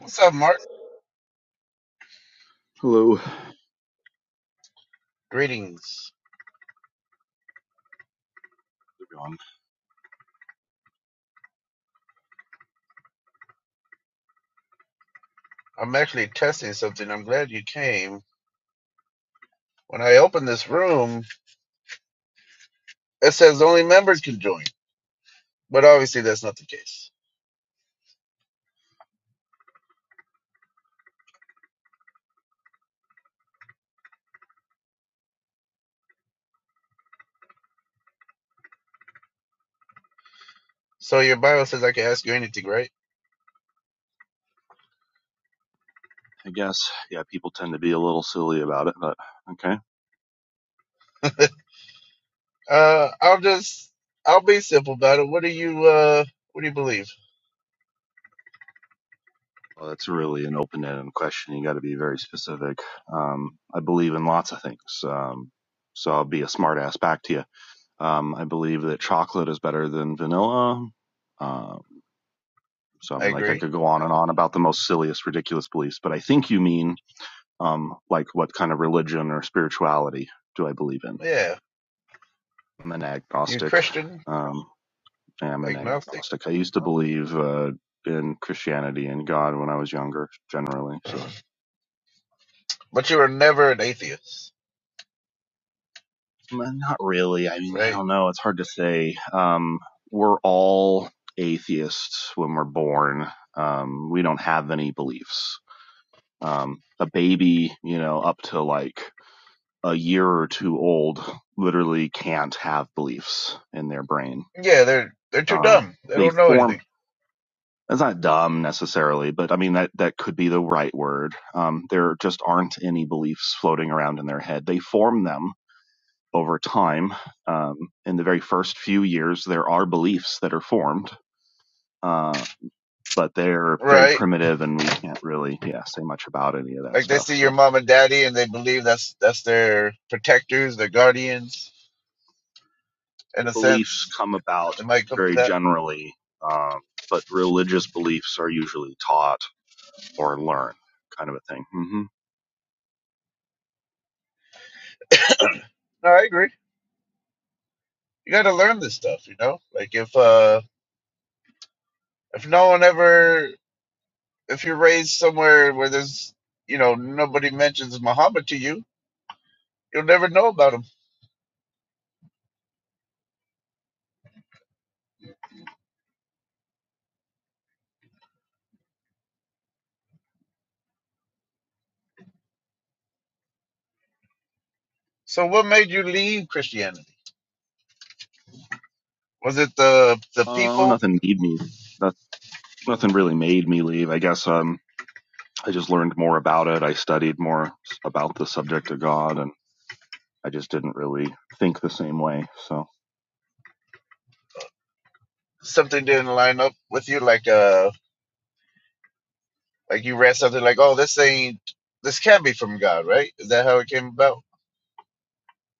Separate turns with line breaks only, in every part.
What's up, Mark?
Hello,
Greetings.
everyone.
I'm actually testing something. I'm glad you came. When I open this room, it says only members can join, but obviously that's not the case. So your bio says I can ask you anything, right?
I guess, yeah, people tend to be a little silly about it, but okay.
Uh, I'll just I'll be simple about it. What do you uh What do you believe?
Well, that's really an open-ended question. You got to be very specific. Um, I believe in lots of things, um, so I'll be a smart ass back to you. Um, I believe that chocolate is better than vanilla. Um, so, I
I
mean, like, I
agree.
could go on and on about the most silliest, ridiculous beliefs, but I think you mean, um, like, what kind of religion or spirituality do I believe in?
Yeah,
I'm an
you
agnostic.
Christian,
Um, am an
agnostic,
agnostic. I used to believe uh, in Christianity and God when I was younger, generally. So
but you were never an atheist,
Mm, not really. I mean, I
right?
don't know. It's hard to say. Um, we're all atheists when we're born. Um, we don't have any beliefs. Um, a baby, you know, up to like a year or two old, literally can't have beliefs in their brain.
Yeah, they're they're too
Um,
dumb. They
they
don't know
form
anything,
That's not dumb necessarily, but I mean that that could be the right word. Um, there just aren't any beliefs floating around in their head. They form them over time. Um, in the very first few years, there are beliefs that are formed, uh, but they're very
right?
primitive, and we can't really yeah say much about any of that
Like they
stuff.
see your
So
mom and daddy and they believe that's that's their protectors, their guardians, in a
beliefs
sense.
come about
It might come to
very
that.
generally, um, but religious beliefs are usually taught or learned, kind of a thing. hmm
No, I agree. You gotta learn this stuff, you know? Like if uh if no one ever if you're raised somewhere where there's you know, nobody mentions Muhammad to you, you'll never know about him. So what made you leave Christianity? Was it the the
Uh,
people?
nothing need me. nothing really made me leave. I guess um, I just learned more about it. I studied more about the subject of God, and I just didn't really think the same way. So,
Something didn't line up with you, like uh like you read something like, Oh, this ain't this can't be from God, right? Is that how it came about?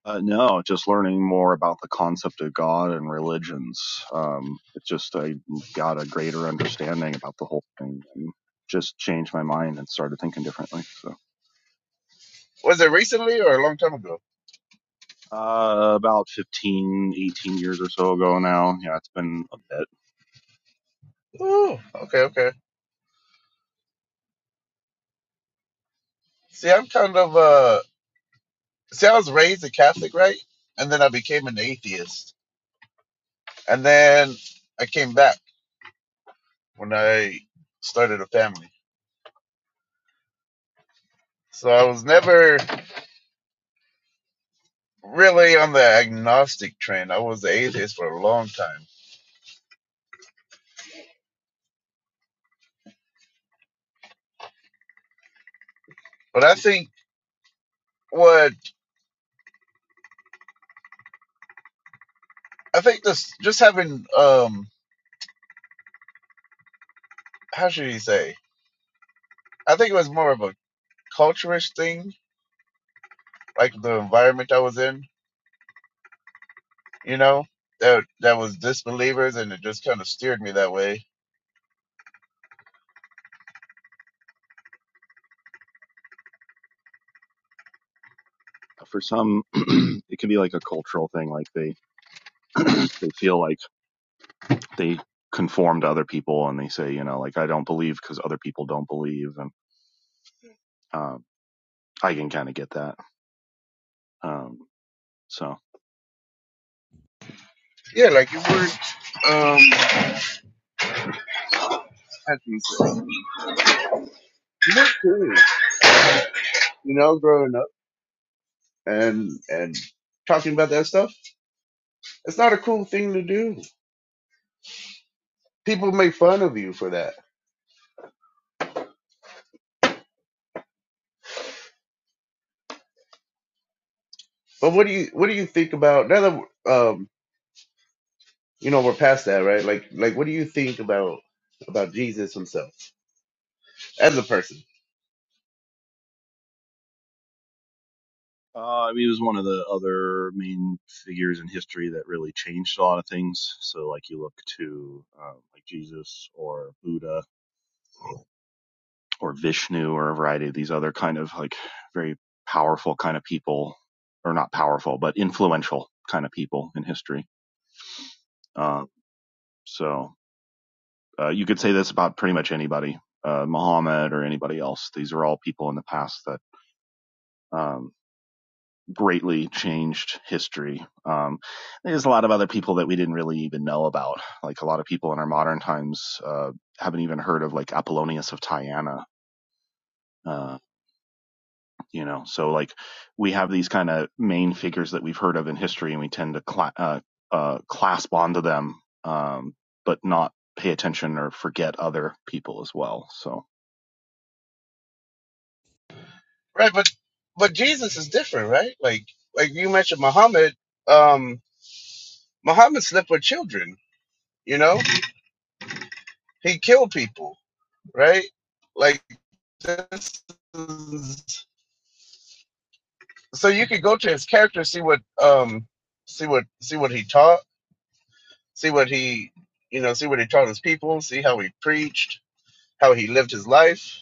uh, no, just learning more about the concept of God and religions. Um, it just I got a greater understanding about the whole thing, and just changed my mind and started thinking differently. So.
Was it recently or a long time ago?
Uh, about 15, 18 years or so ago now. Yeah, it's been a bit.
Ooh, okay, okay. See, I'm kind of uh. See, I was raised a Catholic, right? And then I became an atheist, and then I came back when I started a family. So I was never really on the agnostic train. I was the atheist for a long time. But I think what I think this just having um how should you say? I think it was more of a culturish thing, like the environment I was in you know, that that was disbelievers, and it just kind of steered me that way.
For some, it can be like a cultural thing. Like they, they feel like they conform to other people and they say, you know, like I don't believe because other people don't believe, and um, I can kind of get that. Um, so
Yeah, like it worked. um, how can you say, you were cool, you know, growing up and and talking about that stuff. It's not a cool thing to do. People make fun of you for that. But what do you what do you think about now that we're, um you know we're past that right? Like like what do you think about about Jesus himself as a person?
uh, I mean, he was one of the other main figures in history that really changed a lot of things. So like you look to um, like Jesus or Buddha or Vishnu or a variety of these other kind of like very powerful kind of people, or not powerful but influential kind of people in history. Um, so Uh, you could say this about pretty much anybody, uh, Muhammad or anybody else. These are all people in the past that um, greatly changed history. Um, there's a lot of other people that we didn't really even know about. Like a lot of people in our modern times uh, haven't even heard of, like Apollonius of Tyana. Uh, you know, so like we have these kind of main figures that we've heard of in history, and we tend to cla- uh, uh, clasp onto them, um, but not pay attention or forget other people as well. So
Right, but but Jesus is different, right? Like like you mentioned Muhammad. Um, Muhammad slept with children, you know? He killed people, right? Like this is, so you could go to his character, see what um see what see what he taught, see what he you know, see what he taught his people, see how he preached, how he lived his life,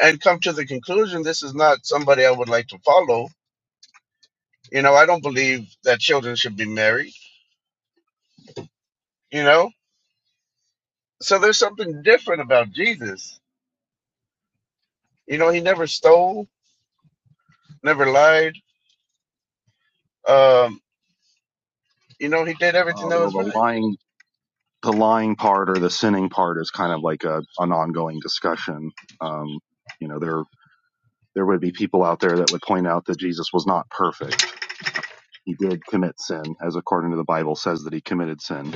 and come to the conclusion this is not somebody I would like to follow. You know, I don't believe that children should be married, you know? So there's something different about Jesus. You know, he never stole, never lied, um, You know, he did everything
Uh,
that
well,
was
the
right.
lying, the lying part or the sinning part is kind of like a, an ongoing discussion. Um, you know, there there would be people out there that would point out that Jesus was not perfect. Uh, He did commit sin, as according to the Bible says that he committed sin,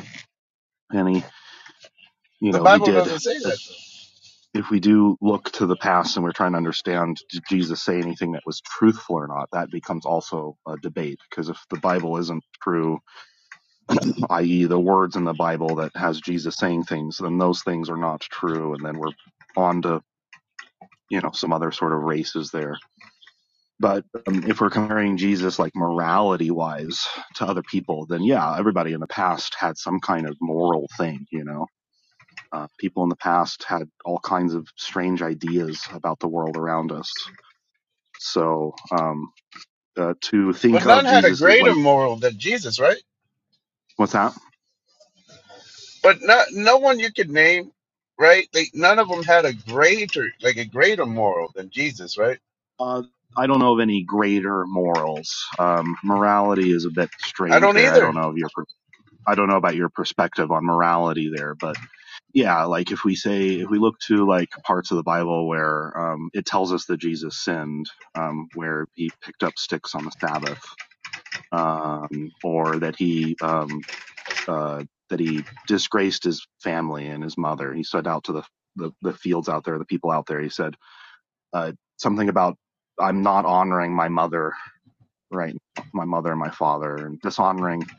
and he, you
The
know, he
Bible
did.
doesn't say that.
As
Though.
if we do look to the past and we're trying to understand, did Jesus say anything that was truthful or not? That becomes also a debate because if the Bible isn't true, i.e., the words in the Bible that has Jesus saying things, then those things are not true, and then we're on to you know some other sort of races there. But um, if we're comparing Jesus like morality wise to other people, then yeah, everybody in the past had some kind of moral thing, you know. Uh, people in the past had all kinds of strange ideas about the world around us. So um, uh, to
But
think
none
of
had a
Jesus as
greater
like,
moral than Jesus, right?
what's that?
But not, no one you could name, right? They, none of them had a greater, like a greater moral than Jesus, right?
Uh, I don't know of any greater morals. Um, morality is a bit
I
strange
don't
there. I
either.
don't know of your, per- I don't know about your perspective on morality there, but yeah, like if we say, if we look to like parts of the Bible where, um, it tells us that Jesus sinned, um, where he picked up sticks on the Sabbath, um, or that he, um, uh, that he disgraced his family and his mother. He said out to the, the, the fields out there, the people out there, he said, uh, something about I'm not honoring my mother right now, my mother and my father, and dishonoring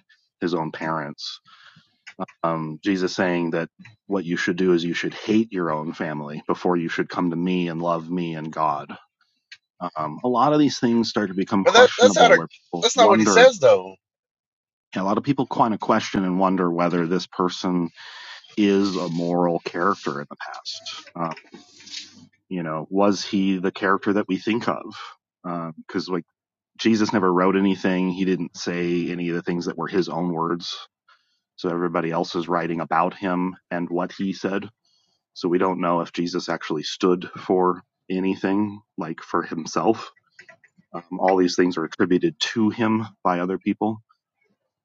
his own parents. Um, Jesus saying that what you should do is you should hate your own family before you should come to me and love me and God. Um, a lot of these things start to become
But that, that's not
questionable
a,
where people
that's not what he
wonder,
says though.
a lot of people kind of question and wonder whether this person is a moral character in the past. Um, you know, was he the character that we think of? Because, um, like, Jesus never wrote anything. He didn't say any of the things that were his own words So everybody else is writing about him and what he said. So we don't know if Jesus actually stood for anything, like for himself. Um, all these things are attributed to him by other people.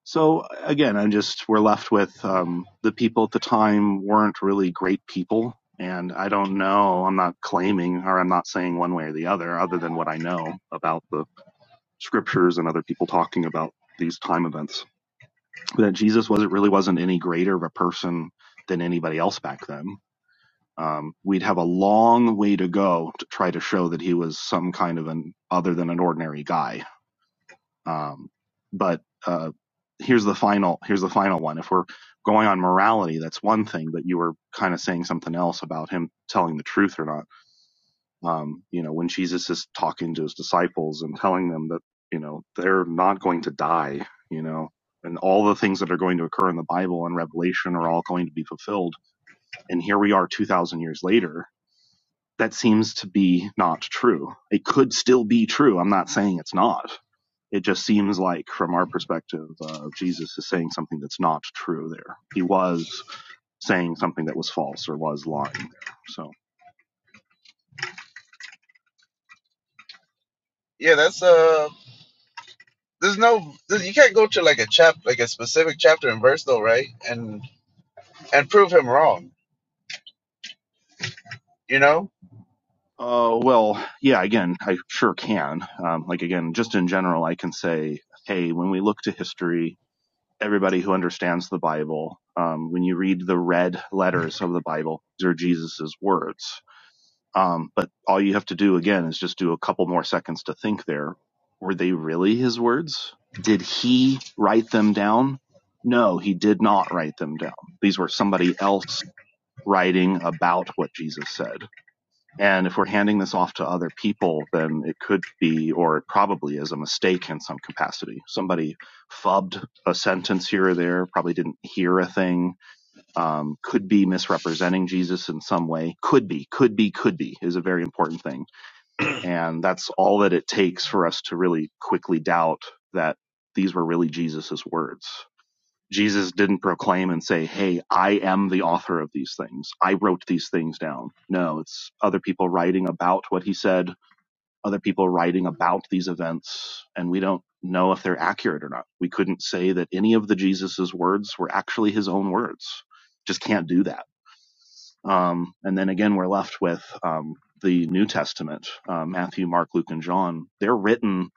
So again, I'm just, we're left with um, the people at the time weren't really great people. And I don't know, I'm not claiming or I'm not saying one way or the other, other than what I know about the scriptures and other people talking about these time events that Jesus wasn't really wasn't any greater of a person than anybody else back then. Um, we'd have a long way to go to try to show that he was some kind of an other than an ordinary guy. Um, but uh, here's the final here's the final one. If we're going on morality, that's one thing, but you were kind of saying something else about him telling the truth or not. Um, you know, when Jesus is talking to his disciples and telling them that, you know, they're not going to die, you know, and all the things that are going to occur in the Bible and Revelation are all going to be fulfilled. And here we are 2,000 years later. That seems to be not true. It could still be true. I'm not saying it's not. It just seems like, from our perspective, uh, Jesus is saying something that's not true there. He was saying something that was false or was lying there. So.
Yeah, that's uh, there's no, you can't go to like a chap, like a specific chapter and verse though, right? And and prove him wrong, you know?
Uh, well, yeah, again, I sure can. Um, like, again, just in general, I can say, hey, when we look to history, everybody who understands the Bible, um, when you read the red letters of the Bible, these are Jesus's words. Um, but all you have to do, again, is just do a couple more seconds to think there. Were they really his words? Did he write them down? No, he did not write them down. These were somebody else writing about what Jesus said and if we're handing this off to other people, then it could be, or it probably is, a mistake in some capacity. Somebody fubbed a sentence here or there, probably didn't hear a thing, um, could be misrepresenting Jesus in some way. Could be, could be, could be is a very important thing. And that's all that it takes for us to really quickly doubt that these were really Jesus's words. Jesus didn't proclaim and say, Hey, I am the author of these things. I wrote these things down. No, it's other people writing about what he said, other people writing about these events, and we don't know if they're accurate or not. We couldn't say that any of the Jesus's words were actually his own words. Just can't do that. Um, and then again, we're left with, um, the New Testament, uh, Matthew, Mark, Luke, and John, they're written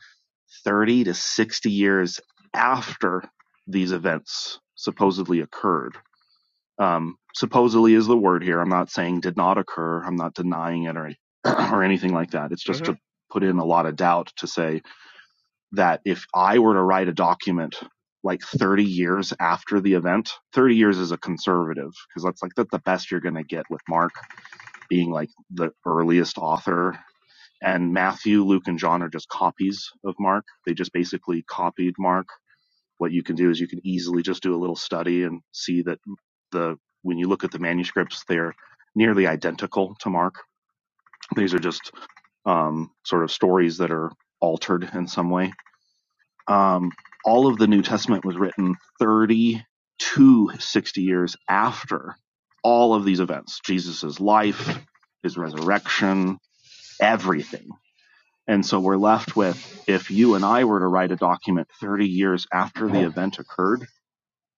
30 to 60 years after these events supposedly occurred. Um, supposedly is the word here. I'm not saying did not occur. I'm not denying it or, or anything like that. It's just
hmm
to put in a lot of doubt to say that if I were to write a document like 30 years after the event, 30 years is a conservative because that's like that's the best you're going to get with Mark being like the earliest author and Matthew, Luke, and John are just copies of Mark. They just basically copied Mark. What you can do is you can easily just do a little study and see that the when you look at the manuscripts, they're nearly identical to Mark. These are just um, sort of stories that are altered in some way. Um, all of the New Testament was written 30 to 60 years after all of these events jesuss life, his resurrection, everything and so we're left with if you and I were to write a document 30 years after the event occurred,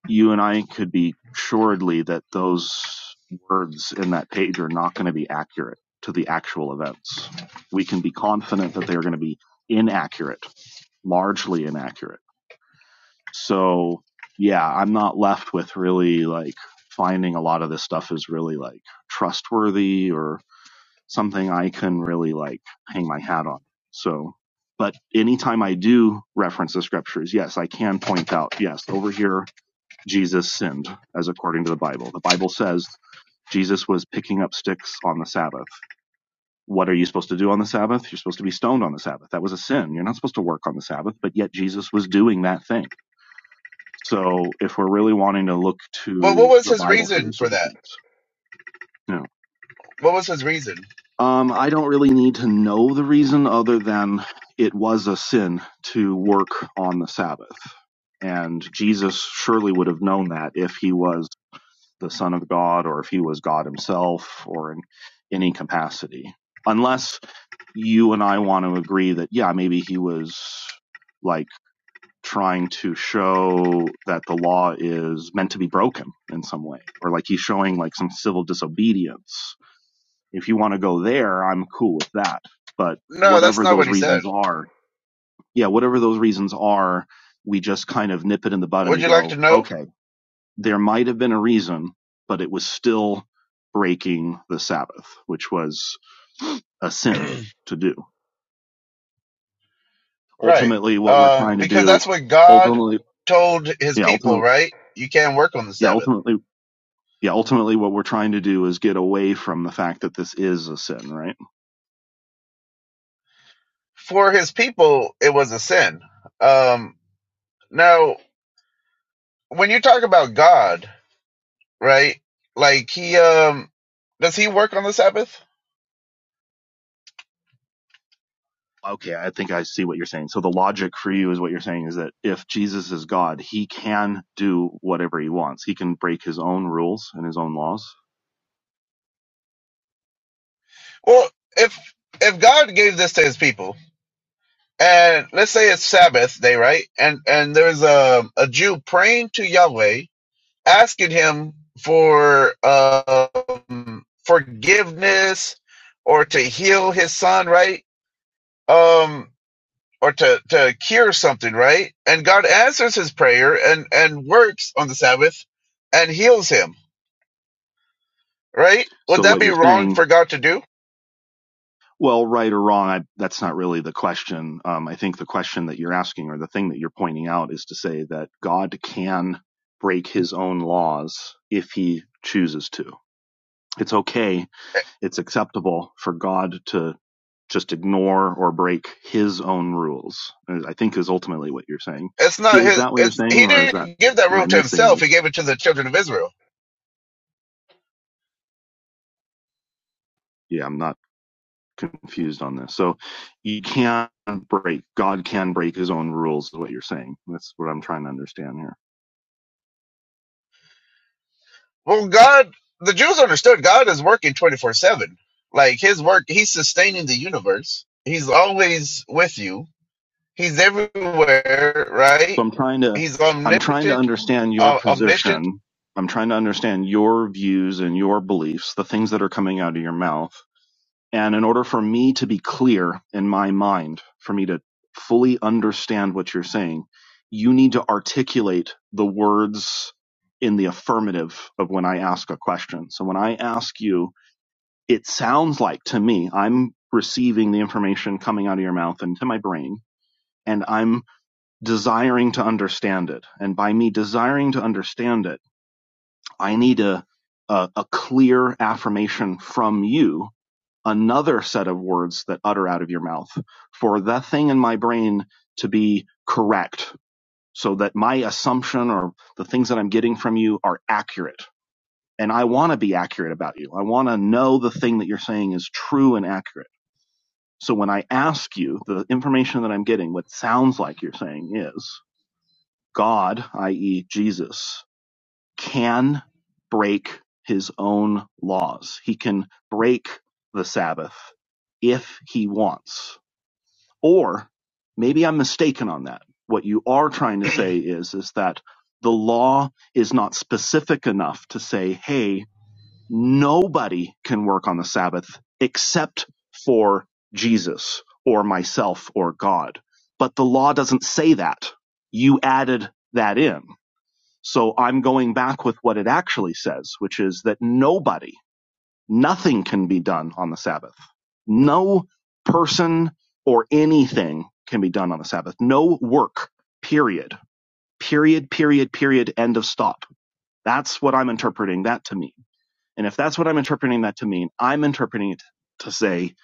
you and I could be assuredly that those words in that page are not going to be accurate to the actual events. We can be confident that they are going to be inaccurate, largely inaccurate. So yeah, I'm not left with really like finding a lot of this stuff is really like trustworthy or something I can really like hang my hat on. So, but anytime I do reference the scriptures, yes, I can point out, yes, over here, Jesus sinned as according to the Bible. The Bible says Jesus was picking up sticks on the Sabbath. What are you supposed to do on the Sabbath? You're supposed to be stoned on the Sabbath. That was a sin. You're not supposed to work on the Sabbath, but yet Jesus was doing that thing. So if we're really wanting to look
But what
to
was
the
his
Bible for
reason
these
for
sort of
that?
things, yeah.
What was his reason?
Um, I don't really need to know the reason other than it was a sin to work on the Sabbath. And Jesus surely would have known that if he was the Son of God or if he was God himself or in any capacity. Unless you and I want to agree that, yeah, maybe he was like trying to show that the law is meant to be broken in some way, or like he's showing like some civil disobedience if you want to go there, I'm cool with that. But
No, that's
whatever
not what
those
he said.
reasons are, yeah, whatever those reasons are, we just kind of nip it in the bud and
Would
we
you like to
go,
know?
okay, there might have been a reason, but it was still breaking the Sabbath, which was a sin to do.
Right.
Ultimately, what we're
Um,
trying to
because
do,
that's what God
ultimately,
told his
yeah,
people,
ultimately,
right? You can't work on the
yeah,
Sabbath.
ultimately, yeah, ultimately, what we're trying to do is get away from the fact that this is a sin, right?
For his people, it was a sin. Um, now, when you talk about God, right? Like he, um, does he work on the Sabbath?
Okay, I think I see what you're saying. So the logic for you is what you're saying is that if Jesus is God, he can do whatever he wants. He can break his own rules and his own laws.
Well, if, if God gave this to his people and let's say it's Sabbath day, right? And, and there's a, a Jew praying to Yahweh asking him for um, forgiveness or to heal his son, right? Um, or to, to cure something, right? And God answers his prayer and, and works on the Sabbath and heals him, right? Would
So
that
what
be
you're
wrong
saying,
for God to do?
well, right or wrong, I, that's not really the question. Um, I think the question that you're asking or the thing that you're pointing out is to say that God can break his own laws if he chooses to. It's okay it's acceptable for God to just ignore or break his own rules, I think is ultimately what you're saying.
It's not
Is
his.
that what you're
It's
saying,
he
or is that,
didn't give that
am
rule
I
to
missing
himself. He
this?
gave it to the children of Israel.
Yeah, I'm not confused on this. So you can break, God can break his own rules, is what you're saying. That's what I'm trying to understand here.
Well, God, the Jews understood God is working twenty four seven. Like His work, He's sustaining the universe. He's always with you. He's everywhere, right?
So I'm trying to,
He's
I'm trying to
omnipotent,
understand your
uh, omniscient.
position. I'm trying to understand your views and your beliefs, the things that are coming out of your mouth And in order for me to be clear in my mind, for me to fully understand what you're saying, you need to articulate the words in the affirmative of when I ask a question. So when I ask you, it sounds like to me, I'm receiving the information coming out of your mouth into my brain, and I'm desiring to understand it. And by me desiring to understand it, I need a, a, a clear affirmation from you another set of words that utter out of your mouth for that thing in my brain to be correct so that my assumption or the things that I'm getting from you are accurate. And I want to be accurate about you. I want to know the thing that you're saying is true and accurate. So when I ask you the information that I'm getting, what sounds like you're saying is God, i.e., Jesus, can break his own laws. He can break the Sabbath if he wants Or maybe I'm mistaken on that. What you are trying to say is, is that the law is not specific enough to say, hey, nobody can work on the Sabbath except for Jesus or myself or God. But the law doesn't say that. You added that in. So I'm going back with what it actually says, which is that nobody Nothing can be done on the Sabbath. No person or anything can be done on the Sabbath. No work, period. Period, period, period, end of stop. That's what I'm interpreting that to mean. And if that's what I'm interpreting that to mean, I'm interpreting it to say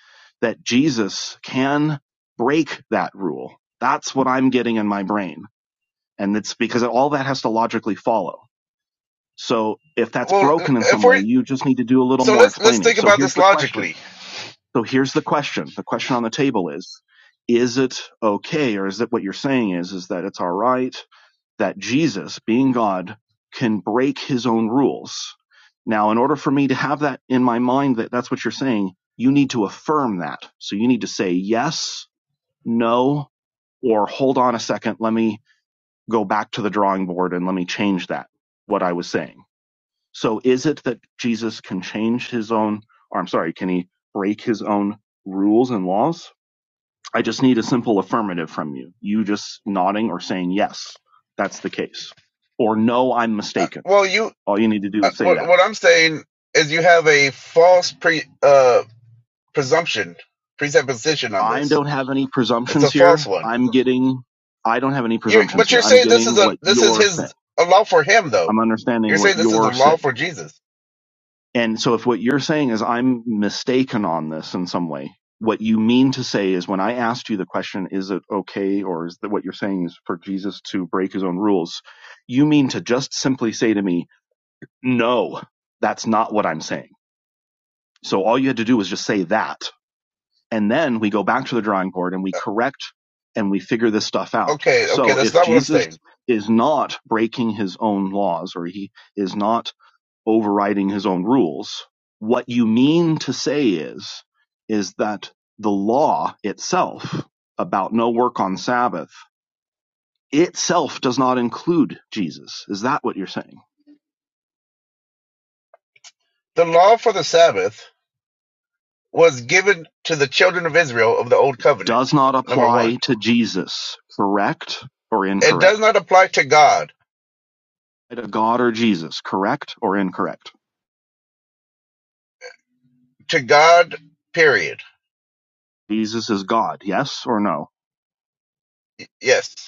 that Jesus can break that rule. That's what I'm getting in my brain. And it's because all that has to logically follow. So if that's
Well,
broken in
if
some
we
way, you just need to do a little
so
more
let's let's
explaining.
think
So
about
here's
this
the question
logically.
so here's the question. The question on the table is, is it okay or is it what you're saying is, is that it's all right that Jesus, being God, can break his own rules? Now, in order for me to have that in my mind that that's what you're saying, you need to affirm that. So you need to say yes, no, or hold on a second. Let me go back to the drawing board and let me change that, what I was saying. So is it that Jesus can change his own, or I'm sorry, can he break his own rules and laws? I just need a simple affirmative from you. You just nodding or saying, yes, that's the case. Or no, I'm
Uh,
mistaken.
Well, you
All you need to do
uh,
is say
what
that.
what I'm saying is you have a false pre uh presumption presupposition on
I
this.
don't have any
It's
presumptions
a false
here.
one.
I'm getting, I don't have any
You
presumptions
but
here.
you're
I'm
saying this is
getting
a
what
this is
you're saying.
his a law for him though.
I'm
You're
understanding what
saying this is a
you're
law
saying.
for Jesus.
And so if what you're saying is I'm mistaken on this in some way, what you mean to say is when I asked you the question, is it okay or is that what you're saying is for Jesus to break his own rules? You mean to just simply say to me, no, that's not what I'm saying. So all you had to do was just say that. And then we go back to the drawing board and we correct and we figure this stuff out.
Okay, okay,
So
that's
if
not what I'm
Jesus
saying.
is not breaking his own laws or he is not overriding his own rules. What you mean to say is, is that the law itself about no work on Sabbath itself does not include Jesus. Is that what you're saying?
The law for the Sabbath was given to the children of Israel of the old covenant.
Does not
Number
apply
one,
to Jesus, correct or
it does
incorrect?
not apply to God.
To God or Jesus, correct or incorrect?
To God, period.
Jesus is God, yes or no?
Yes.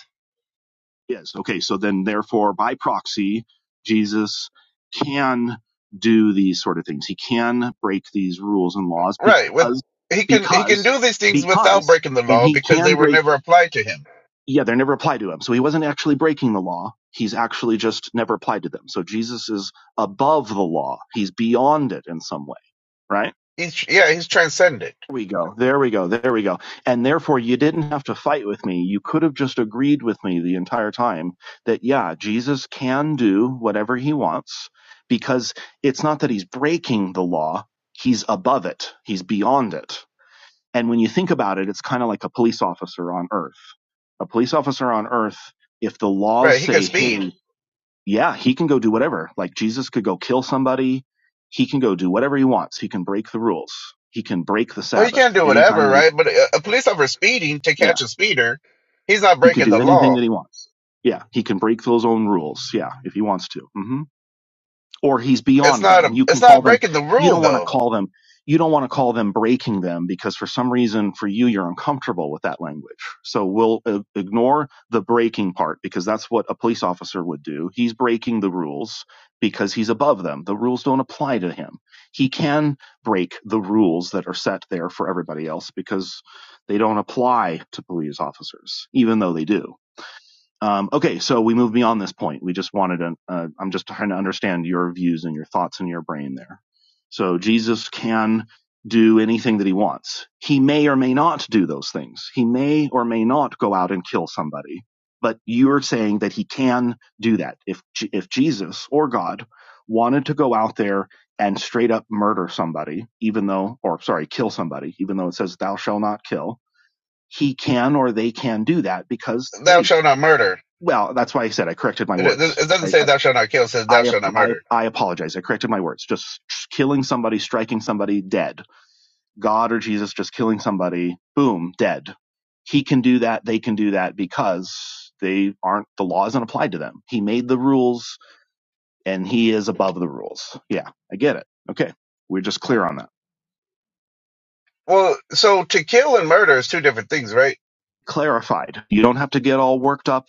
Is Okay. So then, therefore, by proxy, Jesus can do these sort of things. He can break these rules and laws
Right. With
because,
he can he can
because,
do these things without
because,
breaking the
and
law
he
because they
can
were
break,
never applied to him.
yeah, they are never applied to him. So he wasn't actually breaking the law. He's actually just never applied to them. So Jesus is above the law. He's beyond it in some way, right?
He's yeah, he's transcendent.
There we go. There we go. There we go. And therefore, you didn't have to fight with me. You could have just agreed with me the entire time that, yeah, Jesus can do whatever he wants because it's not that he's breaking the law, he's above it, he's beyond it. And when you think about it, it's kind of like a police officer on earth. A police officer on earth, if the laws
Right. He can
say,
speed.
hey, yeah, he can go do whatever, like Jesus could go kill somebody, he can go do whatever he wants, he can break the rules. He can break the
Well, he
Sabbath
can't do
anytime
whatever,
that he
right? But a, a police officer speeding to
yeah.
catch a speeder, he's not
He could
breaking
do
the
anything that
law.
he wants. Yeah. He can break those own rules. Yeah. If he wants to. hmm or he's
It's
beyond
not
them.
a
You
it's
can call
not
them,
breaking the
you
rule
don't want to
though.
call them, you don't want to call them breaking them because for some reason for you, you're uncomfortable with that language. So we'll uh, ignore the breaking part because that's what a police officer would do. He's breaking the rules because he's above them. The rules don't apply to him. He can break the rules that are set there for everybody else because they don't apply to police officers, even though they do. Um, okay, so we move beyond this point. We just wanted to. Uh, I'm just trying to understand your views and your thoughts in your brain there. So Jesus can do anything that he wants. He may or may not do those things. He may or may not go out and kill somebody. But you're saying that he can do that. If if Jesus or God wanted to go out there and straight up murder somebody, even though, or sorry, kill somebody, even though it says thou shall not kill, he can or they can do that because
Thou
hey,
shalt not murder.
well, that's why I said I corrected my
It, it
words.
it
I,
doesn't say
I,
thou shalt not kill. It says thou
I,
shalt not
I,
murder.
I apologize. I corrected my words. Just killing somebody, striking somebody, dead. God or Jesus just killing somebody, boom, dead. He can do that. They can do that because they aren't, the law isn't applied to them. He made the rules and he is above the rules. Yeah, I get it. Okay. We're just clear on that.
Well, so to kill and murder is two different things, right?
Clarified. You don't have to get all worked up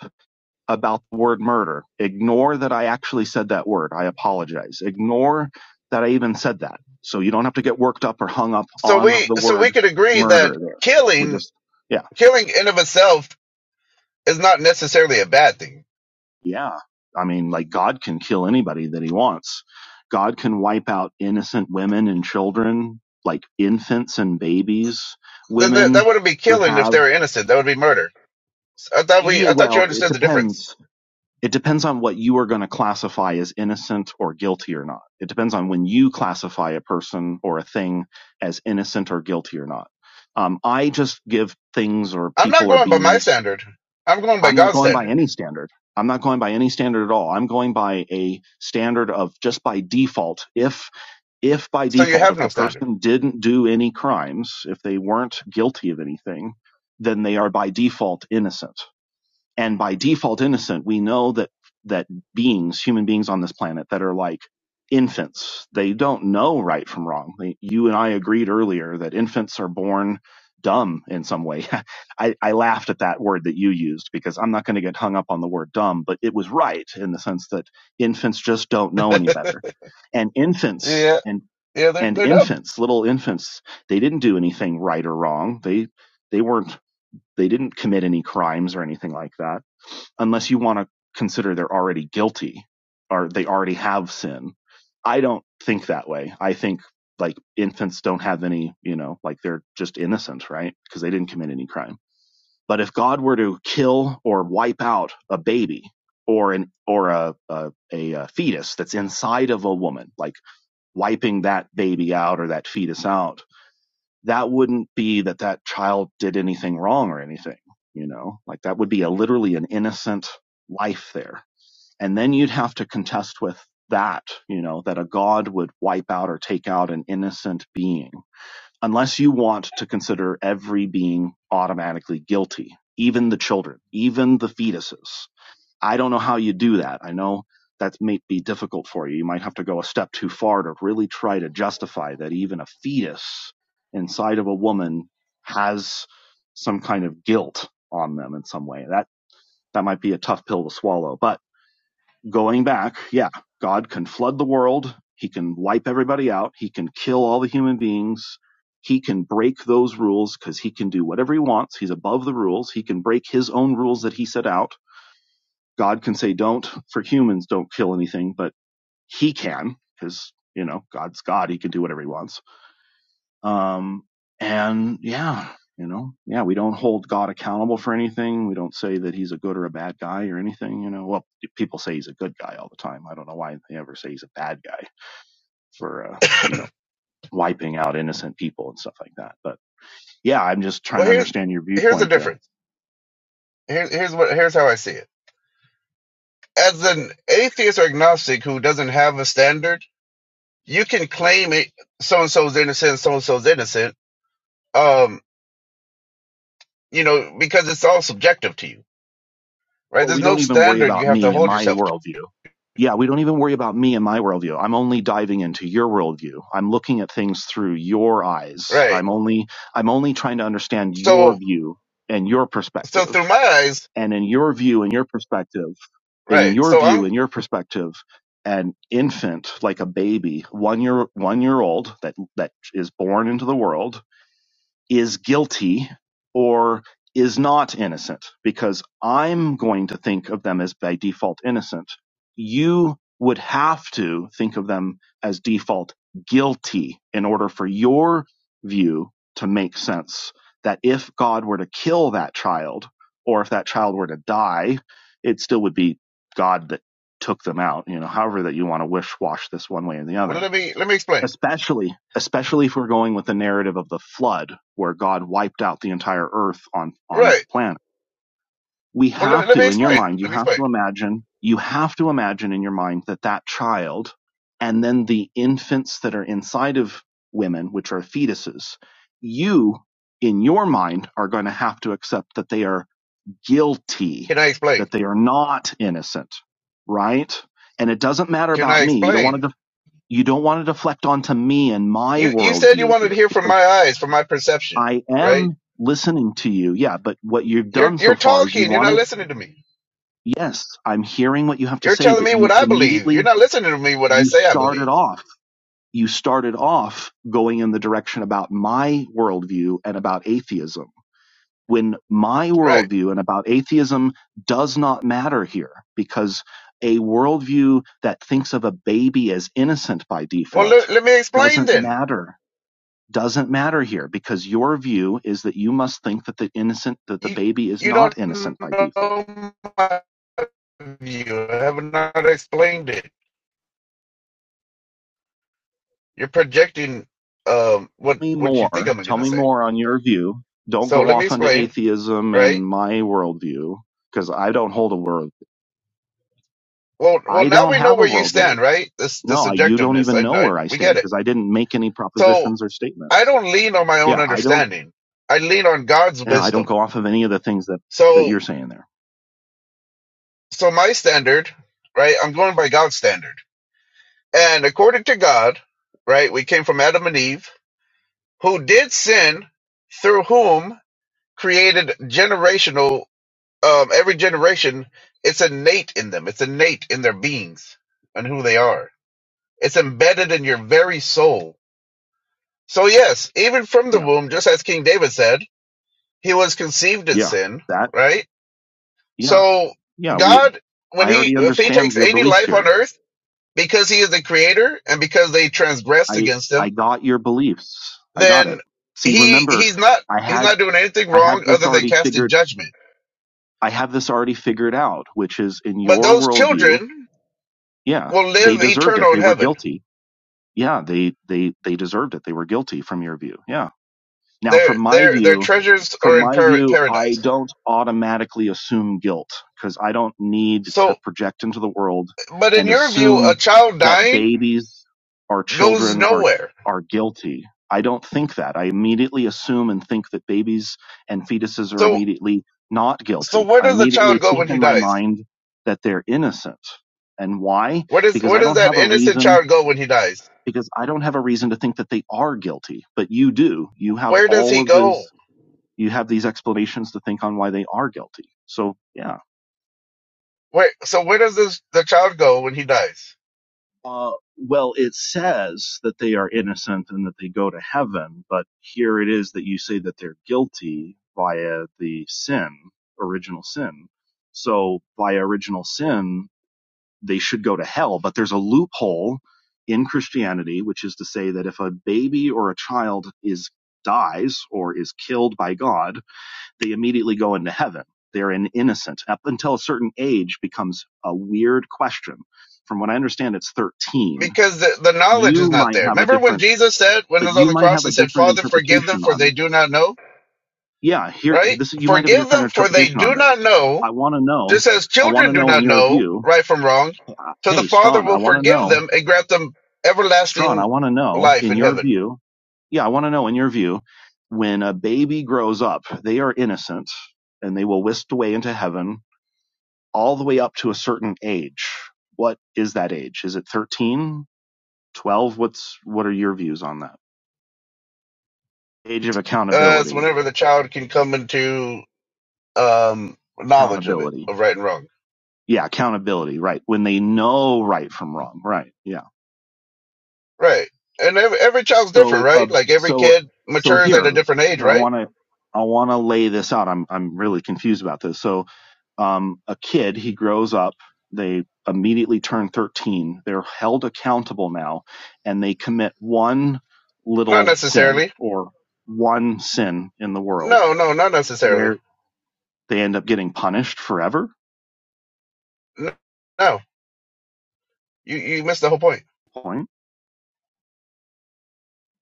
about the word murder. Ignore that I actually said that word. I apologize. Ignore that I even said that. So you don't have to get worked up or hung up
So
on
we
the
so we
word
could agree that
murder there. We
killing
just, yeah,
killing in of itself is not necessarily a bad thing
yeah. I mean, like God can kill anybody that he wants. God can wipe out innocent women and children, like infants and babies,
Then that, that
women
wouldn't be
who
killing if they
have,
were innocent. That would be murder. So I thought we,
yeah,
I thought you
well, it
understood the difference.
depends it depends on what you are going to classify as innocent or guilty or not. It depends on when you classify a person or a thing as innocent or guilty or not. Um, I just give things or
I'm
people
not
or
going by my
beings.
standard. I'm going by
I'm not
God's
going by
standard.
any standard. I'm not going by any standard at all. I'm going by a standard of just by default. If, if by
So you
default,
have
if
no
the
standard.
person didn't do any crimes, if they weren't guilty of anything, then they are by default innocent and by default innocent we know that that beings human beings on this planet that are like infants they don't know right from wrong They- you and i agreed earlier that infants are born dumb in some way I, I laughed at that word that you used because i'm not going to get hung up on the word dumb but it was right in the sense that infants just don't know any better and infants
yeah,
and
yeah, they're
and
they're dumb.
infants little infants they didn't do anything right or wrong they they weren't they didn't commit any crimes or anything like that unless you want to consider they're already guilty or they already have sin. I don't think that way. I think like infants don't have any, you know, like they're just innocent, right? Because they didn't commit any crime. But if God were to kill or wipe out a baby or an or a a, a, uh fetus that's inside of a woman, like wiping that baby out or that fetus out, that wouldn't be that that child did anything wrong or anything, you know, like that would be a literally an innocent life there. And then you'd have to contest with that, you know, that a God would wipe out or take out an innocent being, unless you want to consider every being automatically guilty, even the children, even the fetuses. I don't know how you do that. I know that may be difficult for you. You might have to go a step too far to really try to justify that even a fetus inside of a woman has some kind of guilt on them in some way. That that might be a tough pill to swallow. But going back, yeah, God can flood the world. He can wipe everybody out. He can kill all the human beings. He can break those rules because he can do whatever he wants. He's above the rules. He can break his own rules that he set out God can say don't for humans, don't kill anything, but he can because you know God's God. He can do whatever he wants. Um, and yeah, you know, yeah, we don't hold God accountable for anything. We don't say that he's a good or a bad guy or anything. You know, well, people say he's a good guy all the time. I don't know why they ever say he's a bad guy for uh, you know wiping out innocent people and stuff like that. But yeah, I'm just trying
Well,
to
here's
understand your
here's the
viewpoint there.
difference. Here's here's what here's how I see it. As an atheist or agnostic who doesn't have a standard, you can claim it. So and so's innocent. So and so's innocent. Um, you know, because it's all subjective to you, right?
well,
There's
we
no
don't even worry
standard you
about
have to
me and
hold
my
yourself to
worldview. Yeah, we don't even worry about me and my worldview. I'm only diving into your worldview. I'm looking at things through your eyes.
Right.
I'm only I'm only trying to understand your
So
view and your
so
perspective.
through my eyes,
And in your view and your perspective, and in
right.
your
So
view
I'm
and your perspective, an infant like a baby, one year one year old that that is born into the world is guilty or is not innocent because I'm going to think of them as by default innocent. You would have to think of them as default guilty in order for your view to make sense that if God were to kill that child or if that child were to die, it still would be God that took them out, you know, however that you want to wish wash this one way or the
well
other
let me let me explain.
especially especially if we're going with the narrative of the flood where god wiped out the entire earth on on
Right.
the planet we
Well let,
have
let me
to in your
explain.
mind you
Let me
have
explain.
to imagine you have to imagine in your mind that that child and then the infants that are inside of women which are fetuses you in your mind are going to have to accept that they are guilty
Can I explain?
that they are not innocent right and it doesn't matter
Can I
about me you don't want to
explain?
you don't want to deflect onto me and my
You you said you
worldview
wanted to
here
hear from my
because
eyes, from my perception,
I
right?
am listening to you. Yeah, but what you've
You're
done
you're
so far is you
talking, you're not
wanted,
listening to me.
yes, I'm hearing what you have to
You're
say,
telling
but
me what
you
I believe. You're
immediately,
not listening to me what I
you
say I
started
believe.
off, you started off going in the direction about my worldview and about atheism. When my
Right.
worldview and about atheism does not matter here because a worldview that thinks of a baby as innocent by
Well let,
default
let me explain
doesn't
then.
matter doesn't matter here because your view is that you must think that the innocent that the
You
baby is
you don't
not innocent by default.
know my view. I have not explained it. You're projecting um, what
Tell me
what you think
more.
I'm
Tell
gonna
me
say.
more on your view. Don't
So
go
let me
off onto
explain,
atheism
right?
and my worldview because I don't hold a world.
Well, well,
I
now
don't
we know
have a
where you
worldview.
stand, right? This this
No, I, you don't
subjectiveness,
even
I,
know
I
where I
we
stand
get it.
because I didn't make any
So
propositions or
I
statements.
don't lean on my own
Yeah, I don't.
understanding. I lean on God's
You know, I don't
wisdom.
go off of any of the things that that
So
you're saying there.
so my standard, right? I'm going by God's standard, and according to God, right? We came from Adam and Eve, who did sin, through whom created generational um, every generation, it's innate in them. It's innate in their beings and who they are. It's embedded in your very soul. So yes, even from the
Yeah,
womb, just as King David said, he was conceived in
yeah,
sin,
that.
right?
Yeah,
So
yeah. We.
God, when
I
he,
already
if he
understand
takes
your
any
beliefs
life on
here
earth, because he is the creator and because they transgressed
I
against
I
him,
got your beliefs. I got
then
it. See,
he,
remember,
he's not,
I
he's
had
not doing anything
I
wrong
have this
other than
already
casting
figured
judgment.
I have this already figured out, which is in
But
your
those
worldview,
children
yeah,
will
they
live
deserved it.
eternal in
They were
heaven
guilty. Yeah, they they they deserved it. They were guilty from your view. Yeah. Now,
Their
from my
their their
view,
treasures
from
are in
my
par-
view, I
paradise.
don't automatically assume guilt because I don't need to
So,
project into the world
but in
and
your view, a
assume
child
that
dying
babies or
goes
children are
nowhere.
are guilty. I don't think that. I immediately assume and think that babies and fetuses are
So
immediately not
so
guilty.
where
I
does a
immediately
child go
think
when he
in my
dies?
mind that they're innocent. And why?
Where does
Because
where
I
does
don't
that
have a
innocent
reason
child go when he dies?
because I don't have a reason to think that they are guilty, but you do. You have
Where does
all
he
of those
go?
you have these explanations to think on why they are guilty. So, yeah.
Where so where does this, the child go when he dies?
Uh, well, it says that they are innocent and that they go to heaven, but here it is that you say that they're guilty via the sin, original sin. So, by original sin, they should go to hell, but there's a loophole in Christianity, which is to say that if a baby or a child is dies or is killed by God, they immediately go into heaven. They're an innocent. Up until a certain age becomes a weird question. From what I understand, it's 13.
Because the, the knowledge is
You
not
might
there.
have a
Remember when
different,
Jesus said when he
but
was on
you
the
might
cross
have a
and said,
different
"Father, forgive them
interpretation
for
on
they
this.
do not know."
Yeah, here,
Right?
this, you might have a
Forgive
different
them for they
interpretation on
do not
this.
know
I want to know,
Just as
I want
children
to
do
know in
not
your
know
view,
right from wrong,
uh,
so the
hey,
Father
Strawn, I
will
want to
forgive
know,
them and grant them
Strawn,
everlasting
I want to know
life
in
in
your
heaven.
view, yeah, I want to know in your view, when a baby grows up, they are innocent and they will whisked away into heaven all the way up to a certain age. What is that age? Is it 13, 12? What's what are your views on that? Age of
Uh, it's
accountability.
whenever the child can come into um, knowledge of it,
Accountability.
of right and wrong.
Yeah, accountability, right. When they know right from wrong, right. Yeah.
Right. And every, every child's different,
So uh
right? Like every
so
kid
so
matures at a
here
different age,
here I
right?
want to I want to lay this out. I'm I'm really confused about this. So um, a kid, he grows up, they immediately turn 13, they're held accountable now, and they commit one
Not
little sin
necessarily.
or one sin in the world
No, no, not necessarily.
where they end up getting punished forever.
N- No, you, you missed the whole point.
Point.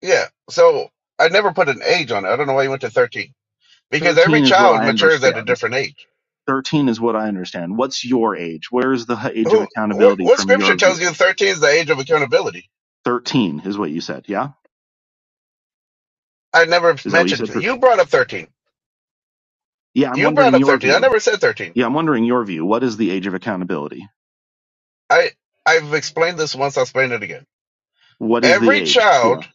Yeah. So I never put an age on it. I don't know why you went to 13. Because every
13 is what
child
I
matures at a
understand.
different age
13 is what I understand. What's your age? Where's the age of
Who? What,
accountability
what
from
scripture
your view?
tells you thirteen is the age of accountability?
13 is what you said. Yeah.
I never
Is that what you
mentioned
said?
you brought up thirteen.
Yeah. I'm
You brought
wondering
up
your
thirteen. I
view.
never said thirteen.
Yeah. I'm wondering your view. What is the age of accountability?
I I've explained this once. I'll explain it again.
What is the
Every
age? Yeah.
child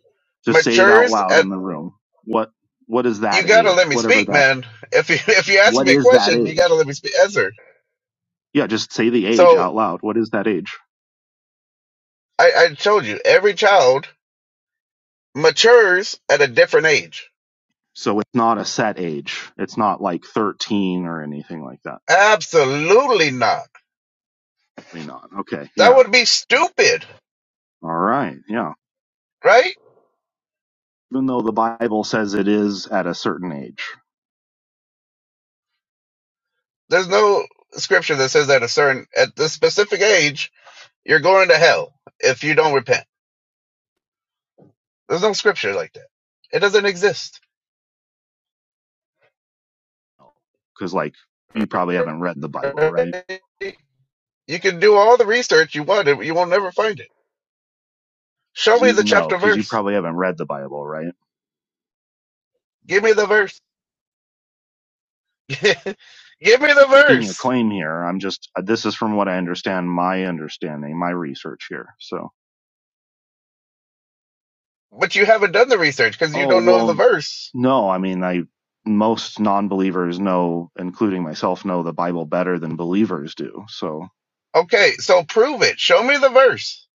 Just say it out
matures
loud
at.
in the room. What what is
You
that
gotta let
age?
me
Whatever
speak,
that
man. If you if you ask
what
me a
is that
question, you
age?
gotta let me speak, answer.
Yeah, just say the age
So
out loud. What is that age?
I, I told you, every child matures at a different age.
So it's not a set age. It's not like 13 or anything like that.
Absolutely not.
Really not. Okay.
That
Yeah.
would be stupid,
All right. Yeah.
right?
Even though the Bible says it is at a certain age.
There's no scripture that says that a certain at this specific age you're going to hell if you don't repent. There's no scripture like that. It doesn't exist.
Cuz like you probably haven't read the Bible, right?
You can do all the research you want, you won't never find it. Show me
You
the
know,
chapter
cuz you
verse.
probably haven't read the Bible, right?
Give me the verse. Give me the
Making a
verse.
claim here. I'm just uh, this is from what I understand, my understanding, my research here. So
But you haven't done the research because you
Oh,
don't know the
well,
verse.
no. I mean, I most non-believers know, including myself, know the Bible better than believers do. So,
Okay, so prove it. Show me the verse.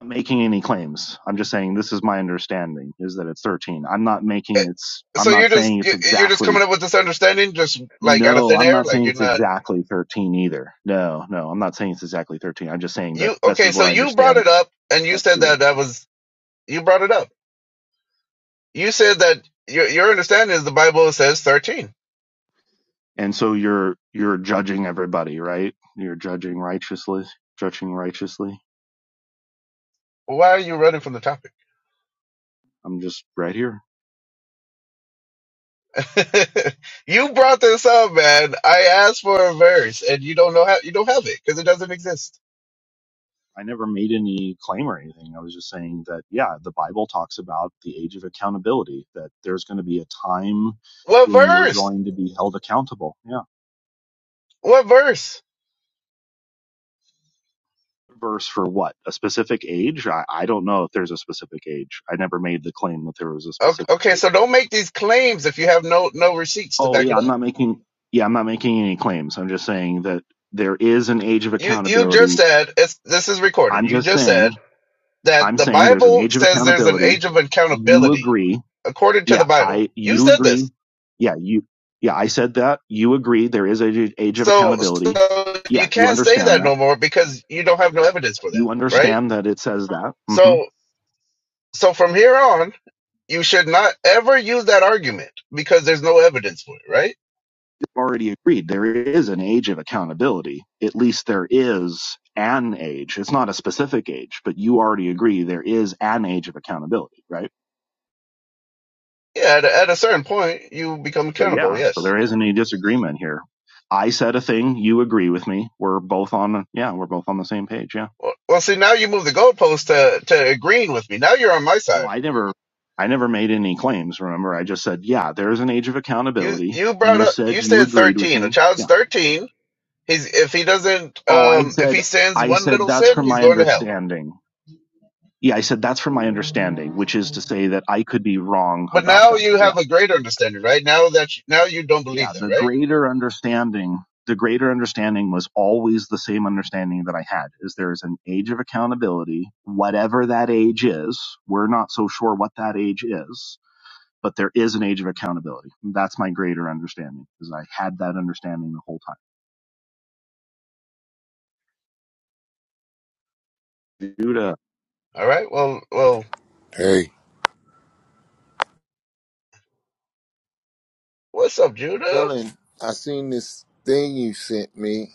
I'm not making any claims. I'm just saying this is my understanding is that it's 13. I'm not making it's
So
I'm not
you're just
saying
you-
it's
you're just coming
exactly
up with this understanding, just like out of
no,
thin
I'm
air,
not
like
saying
you're
it's
not.
exactly 13 either. No, no, I'm not saying it's exactly 13. I'm just saying that
You
this
okay?
is
So
what I
you brought it
understand
up, and you
that's
said
the
that
age.
that was you brought it up. You said that your your understanding is the Bible says thirteen.
And so you're you're judging everybody, right? You're judging righteously, judging righteously.
Why are you running from the topic?
I'm just right here.
you brought this up, man. I asked for a verse, and you don't know how you don't have it because it doesn't exist.
I never made any claim or anything. I was just saying that, yeah, the Bible talks about the age of accountability, that there's going to be a time
What
when you're
verse?
going to be held accountable. Yeah.
What verse?
Verse for what? A specific age? I, I don't know if there's a specific age. I never made the claim that there was a
Okay,
specific
okay,
age.
so don't make these claims if you have no no receipts to
Oh,
back
yeah,
it
I'm
up.
not making, yeah, I'm not making any claims. I'm just saying that there is an age of
You you just
accountability.
said it's this is recorded.
I'm
You
just
just said
saying,
that
I'm
the
saying there's an
Bible
age of
says there's an
accountability.
age of
You
accountability
agree
according to the
yeah,
Bible.
I
You
you
said
agree.
this.
Yeah, you yeah, I said that. You agree there is a age age of
So
accountability.
so you
Yeah, you
can't say
understand
that
that.
no more because you don't have no evidence for that,
You
right?
understand that it says that. hmm
So so from here on, you should not ever use that argument because there's no evidence for it, right?
You've already agreed there is an age of accountability. At least there is an age. It's not a specific age, but you already agree there is an age of accountability, right?
Yeah, at a, at a certain point, you become
So
accountable,
yeah, so
yes.
there isn't any disagreement here. I said a thing, you agree with me. We're both on yeah, we're both on the same page. Yeah.
Well, well, see, now you move the goalpost to, to agreeing with me. Now you're on my
No,
side.
I never I never made any claims, remember? I just said, yeah, there is an age of
You
accountability.
you brought
You
up,
said
you
you
said
agreed with
13. A
me.
child's
Yeah.
13 He's if he doesn't
Oh, I
um if
said
he sins
I
one
said
little
that's
sin,
from
he's
my
going to hell.
understanding. Yeah, I said that's from my understanding, which is to say that I could be wrong
But
about
now
that.
you
Yeah.
have a greater understanding, right? Now that you, now you don't
Yeah,
believe that,
the
right?
greater understanding, the greater understanding was always the same understanding that I had is there is an age of accountability, whatever that age is. We're not so sure what that age is but there is an age of accountability. And That's my greater understanding because I had that understanding the whole time. Judah,
All right. Well, well,
Hey.
what's up, Judah?
Dylan, I seen this thing you sent me.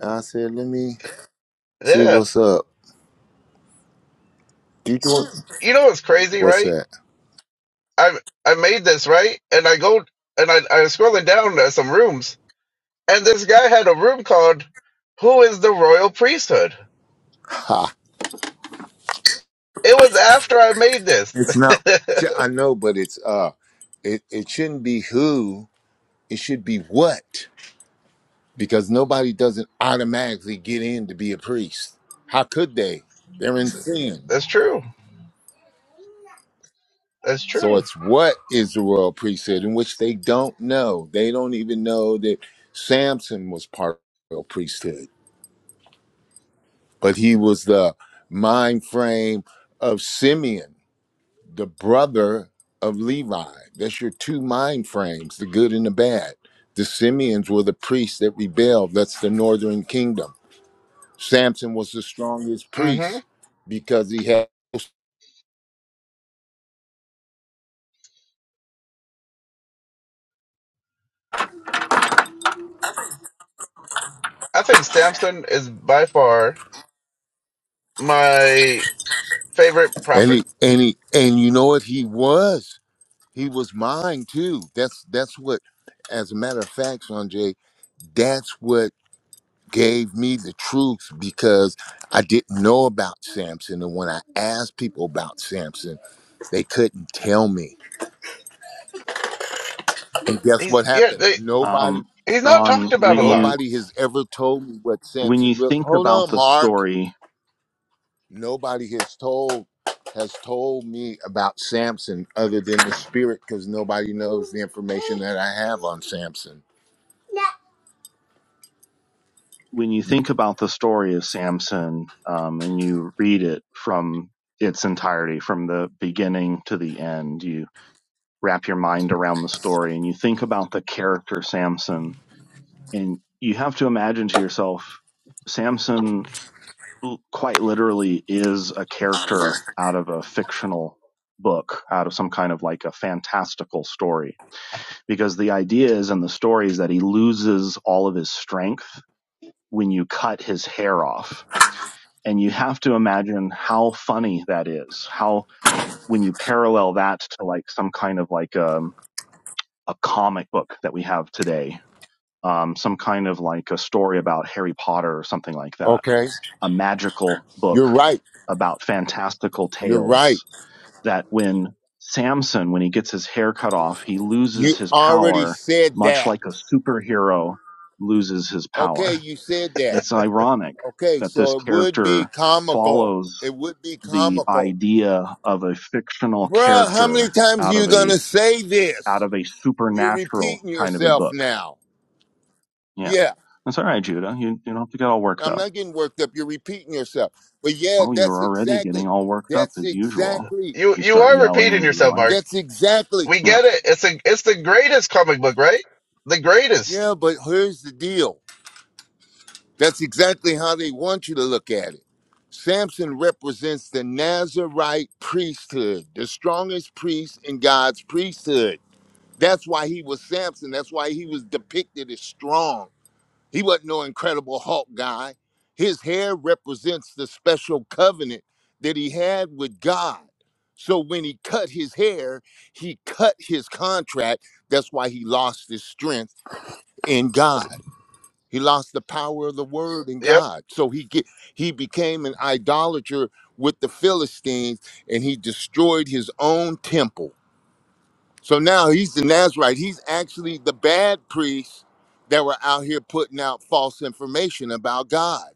I said, let me see
Yeah.
what's up. You doing
You know what's crazy,
what's
right?
that?
I I made this right, and I go and I I was scrolling down uh, some rooms, and this guy had a room called "Who is the Royal Priesthood?"
Ha.
It was after I made this.
It's not I know, but it's uh it, it shouldn't be who, it should be what. Because nobody doesn't automatically get in to be a priest. How could they? They're in sin.
That's true. That's
So
true.
it's what is the royal priesthood in which they don't know. They don't even know that Samson was part of the royal priesthood. but he was the mind frame of Simeon, the brother of Levi. That's your two mind frames, the good and the bad. The Simeons were the priests that rebelled. That's the northern kingdom. Samson was the strongest
hmm
priest because he had
I think Samson is by far my favorite
and
prophet.
he and he and you know what he was? He was mine too. That's that's what as a matter of fact, Sanjay, that's what gave me the truth because I didn't know about Samson. And when I asked people about Samson, they couldn't tell me. And guess
He's
what
yeah,
happened?
they,
Nobody,
um,
he's not
Ron,
talked about
when
a lot.
you
nobody has ever told me what
when you
Samson really.
think
Hold
about
on,
the
Mark.
story,
Nobody has told has told me about Samson other than the spirit because nobody knows the information that I have on Samson.
when you think about the story of Samson, um, and you read it from its entirety, from the beginning to the end, you wrap your mind around the story, and you think about the character Samson, and you have to imagine to yourself, Samson. quite literally is a character out of a fictional book, out of some kind of like a fantastical story. Because the idea is in the story is that he loses all of his strength when you cut his hair off. And you have to imagine how funny that is. How, when you parallel that to like some kind of like um, a comic book that we have today, um, some kind of like a story about Harry Potter or something like that
Okay.
a magical
You're
book
right.
about fantastical
You're right.
tales that when Samson, when he gets his hair cut off, he
You
loses his
already
power,
said
much like a
that.
superhero loses his
Okay,
power.
you said that.
It's ironic
Okay,
that this
so it would be
character
comical.
follows
It would be
the
comical.
idea of a fictional
Bruh, how many
character
times are
out
you
of
gonna
a
say
out
this?
of a
You're
supernatural
repeating
kind of a
yourself
book.
now.
Yeah.
Yeah,
That's all right, Judah. You you don't have to get all worked
I'm
up.
not getting worked up. You're repeating yourself. But yeah,
Oh, you're
that's
already
exactly,
getting all worked up
that's
as usual.
exactly,
You
You
you
start
are
yelling
repeating
into the
yourself,
mic.
Mark.
that's exactly.
We
Yeah.
get it. It's a it's the greatest comic book, right? The greatest.
Yeah, but here's the deal. That's exactly how they want you to look at it. Samson represents the Nazarite priesthood, the strongest priest in God's priesthood. That's why he was Samson. That's why he was depicted as strong. He wasn't no incredible Hulk guy. His hair represents the special covenant that he had with God. So when he cut his hair, he cut his contract. That's why he lost his strength in God. He lost the power of the word in
Yep,
God. So he get, he became an idolater with the Philistines and he destroyed his own temple so now he's the Nazarite. He's actually the bad priests that were out here putting out false information about God.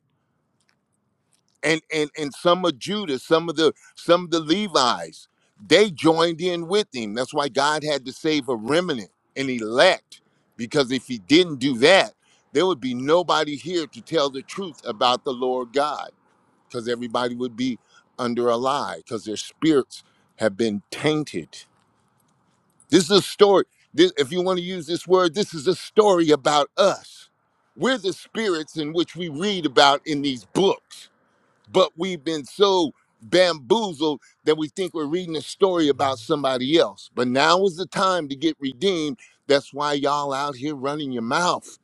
And and and some of Judah, some of the some of the Levites, they joined in with him. That's why God had to save a remnant, an elect, because if he didn't do that, there would be nobody here to tell the truth about the Lord God, because everybody would be under a lie, because their spirits have been tainted. This is a story. This, if you want to use this word, this is a story about us. We're the spirits in which we read about in these books, but we've been so bamboozled that we think we're reading a story about somebody else. But now is the time to get redeemed. That's why y'all out here running your mouth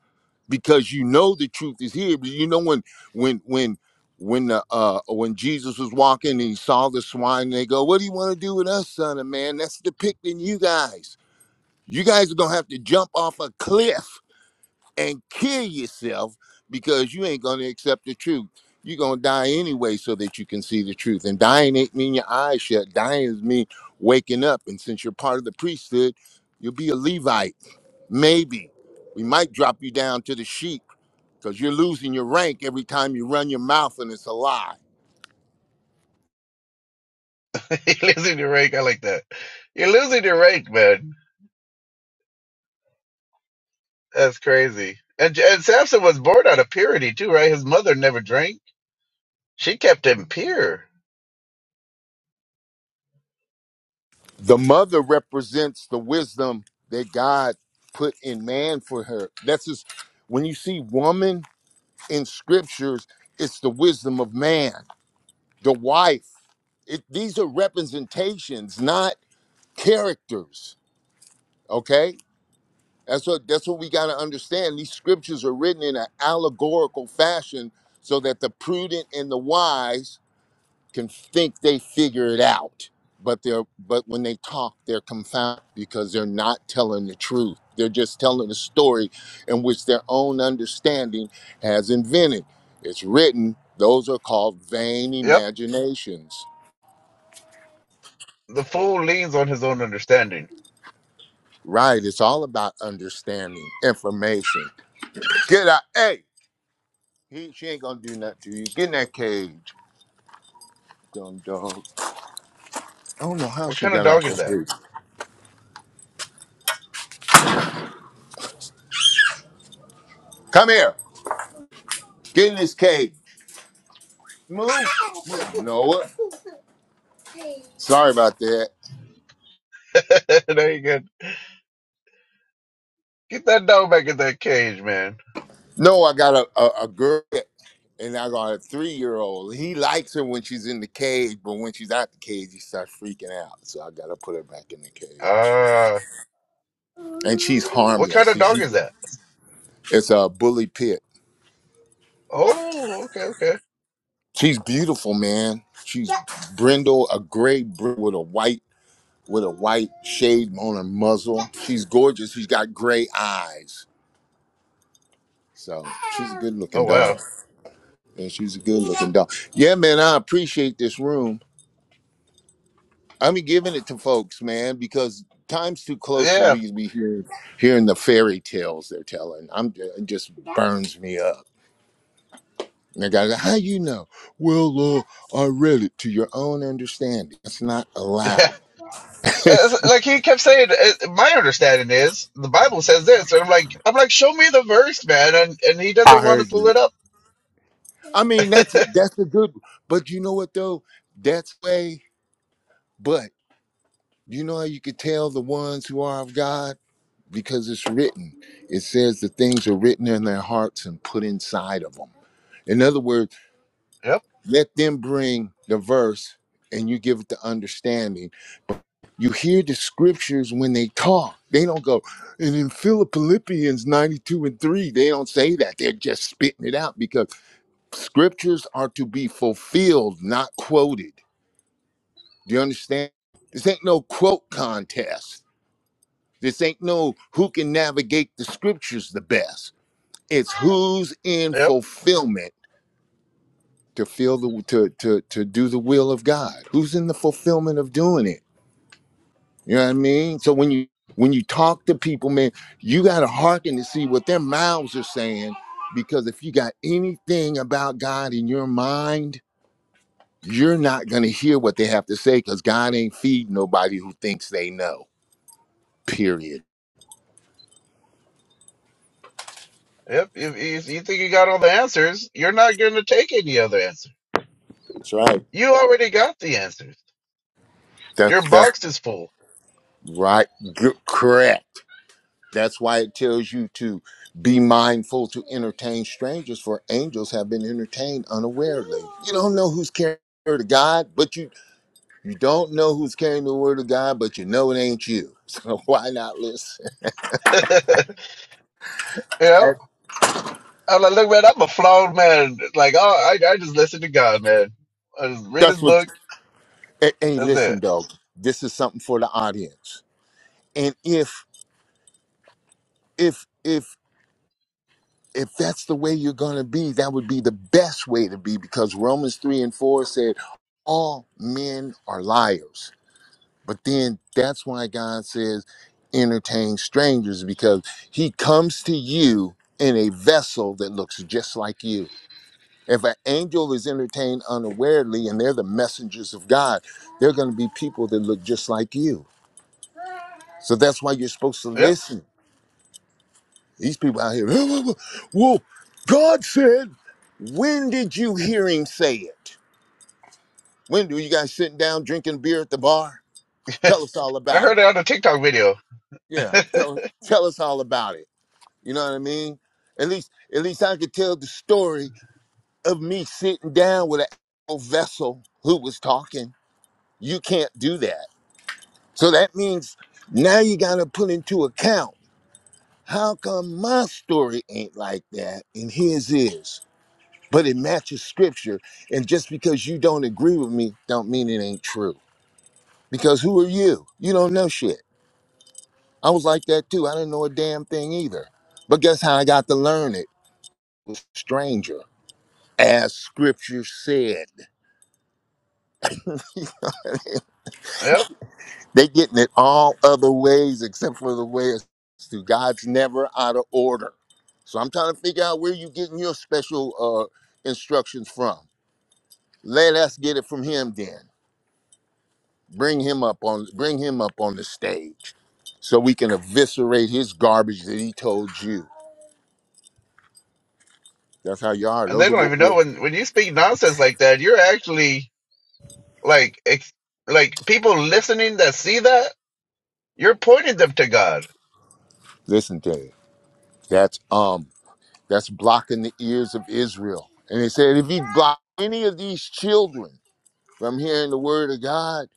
because you know the truth is here. But you know when when when when the, uh when Jesus was walking and he saw the swine, and they go, "What do you want to do with us, son of man?" That's depicting you guys you guys are gonna have to jump off a cliff and kill yourself because you ain't gonna accept the truth. You're gonna die anyway so that you can see the truth. And dying ain't mean your eyes shut. Dying is mean waking up. And since you're part of the priesthood, you'll be a Levite. Maybe. We might drop you down to the sheep because you're losing your rank every time you run your mouth and it's a lie.
you're losing your rank. I like that. You're losing your rank, man. That's crazy. And and Samson was born out of purity too, right? His mother never drank. She kept him pure.
The mother represents the wisdom that God put in man for her. That's just when you see woman in scriptures it's the wisdom of man the wife it, these are representations not characters okay that's what that's what we got to understand these scriptures are written in an allegorical fashion so that the prudent and the wise can think they figure it out, but they're but when they talk, they're confounded because they're not telling the truth. They're just telling a story in which their own understanding has invented. It's written. Those are called vain
Yep.
imaginations.
The fool leans on his own understanding.
Right. It's all about understanding information. Get out. Hey, he, she ain't gonna do nothing to you. Get in that cage, dumb dog. I don't know how
What
she
kind of
got out
dog is
that
that?
cage. Come here. Get in this cage. Move. Move. Noah. Sorry about that.
there you go. Get that dog back in that cage, man.
No, I got a, a, a girl and I got a three year old. He likes her when she's in the cage, but when she's out the cage, he starts freaking out. So I got to put her back in the cage.
Ah,
And she's
what kind
harmless.
of
She,
dog
she-
is that?
it's a bully pit.
Oh, okay, okay.
She's beautiful, man. She's brindle, a gray br- with a white with a white shade on her muzzle. She's gorgeous. She's got gray eyes. So she's a good
Oh,
looking
wow.
dog. Yeah, she's a good looking dog. Yeah, man, I appreciate this room. I'm giving it to folks, man, because time's too close for
Yeah,
me to be hearing, hearing the fairy tales they're telling. I'm it just burns me up. And the guy's like, how you know? Well, uh, I read it to your own understanding. That's not
yeah.
allowed. I
That's- Like he kept saying, uh, my understanding is the Bible says this, and I'm like, I'm like, show me the verse, man, and and he doesn't want to
heard
pull
you.
it up.
I mean, that's that's a good. But you know what though? That's way. But you know how you could tell the ones who are of God because it's written. It says the things are written in their hearts and put inside of them. In other words,
Yep,
let them bring the verse and you give it the understanding. You hear the scriptures when they talk. They don't go, and in Philippians 92 and 3, they don't say that. They're just spitting it out because scriptures are to be fulfilled, not quoted. Do you understand? This ain't no quote contest. This ain't no who can navigate the scriptures the best It's who's in
yep,
fulfillment to feel the to to to do the will of God. Who's in the fulfillment of doing it? You know what I mean? So when you when you talk to people, man, you gotta hearken to see what their mouths are saying. Because if you got anything about God in your mind, you're not gonna hear what they have to say because God ain't feed nobody who thinks they know. Period.
yep. You, you, you think you got all the answers? You're not going to take any other answer.
That's right.
You already got the answers. Your
That's that's
box is full.
right. Good, correct. That's why it tells you to be mindful to entertain strangers, for angels have been entertained unawarely. You don't know who's carrying the word of God, but you you don't know who's carrying the word of God, but you know it ain't you. So why not listen?
You know,
That-
I'm like, look, man, I'm a flawed man. Like, oh, I, I just listen to God, man. I just read his
That's what.
book.
Hey, hey,
That's
listen,
it.
dog. This is something for the audience. And if if if if that's the way you're gonna be, that would be the best way to be, because Romans three and four said, "All men are liars." But then that's why God says, entertain strangers, because he comes to you in a vessel that looks just like you. If an angel is entertained unawarely and they're the messengers of God, they're going to be people that look just like you. So that's why you're supposed to
Yep.
listen. These people out here, "Oh, well, well, God said, when did you hear him say it? When do you guys sitting down drinking beer at the bar? Tell us all
I
about
heard
it.
it on a TikTok video.
Yeah, tell, tell us all about it You know what I mean? At least, at least I could tell the story of me sitting down with an a vessel who was talking. You can't do that. So that means now you got to put into account how come my story ain't like that and his is, but it matches scripture. And just because you don't agree with me, don't mean it ain't true. Because who are you? You don't know shit. I was like that too. I didn't know a damn thing either. But guess how I got to learn it? Was a stranger. as scripture said.
Yep.
They getting it all other ways except for the way it's through. God's never out of order. So I'm trying to figure out where you getting your special uh, instructions from. Let us get it from him then. Bring him up on bring him up on the stage so we can eviscerate his garbage that he told you. That's how you are.
And they
Those are
don't
what
even know
we're
when when you speak nonsense like that, you're actually like ex- like people listening that see that, you're pointing them to God.
listen to. It. That's um that's blocking the ears of Israel. And they said if he block any of these children From hearing the word of God,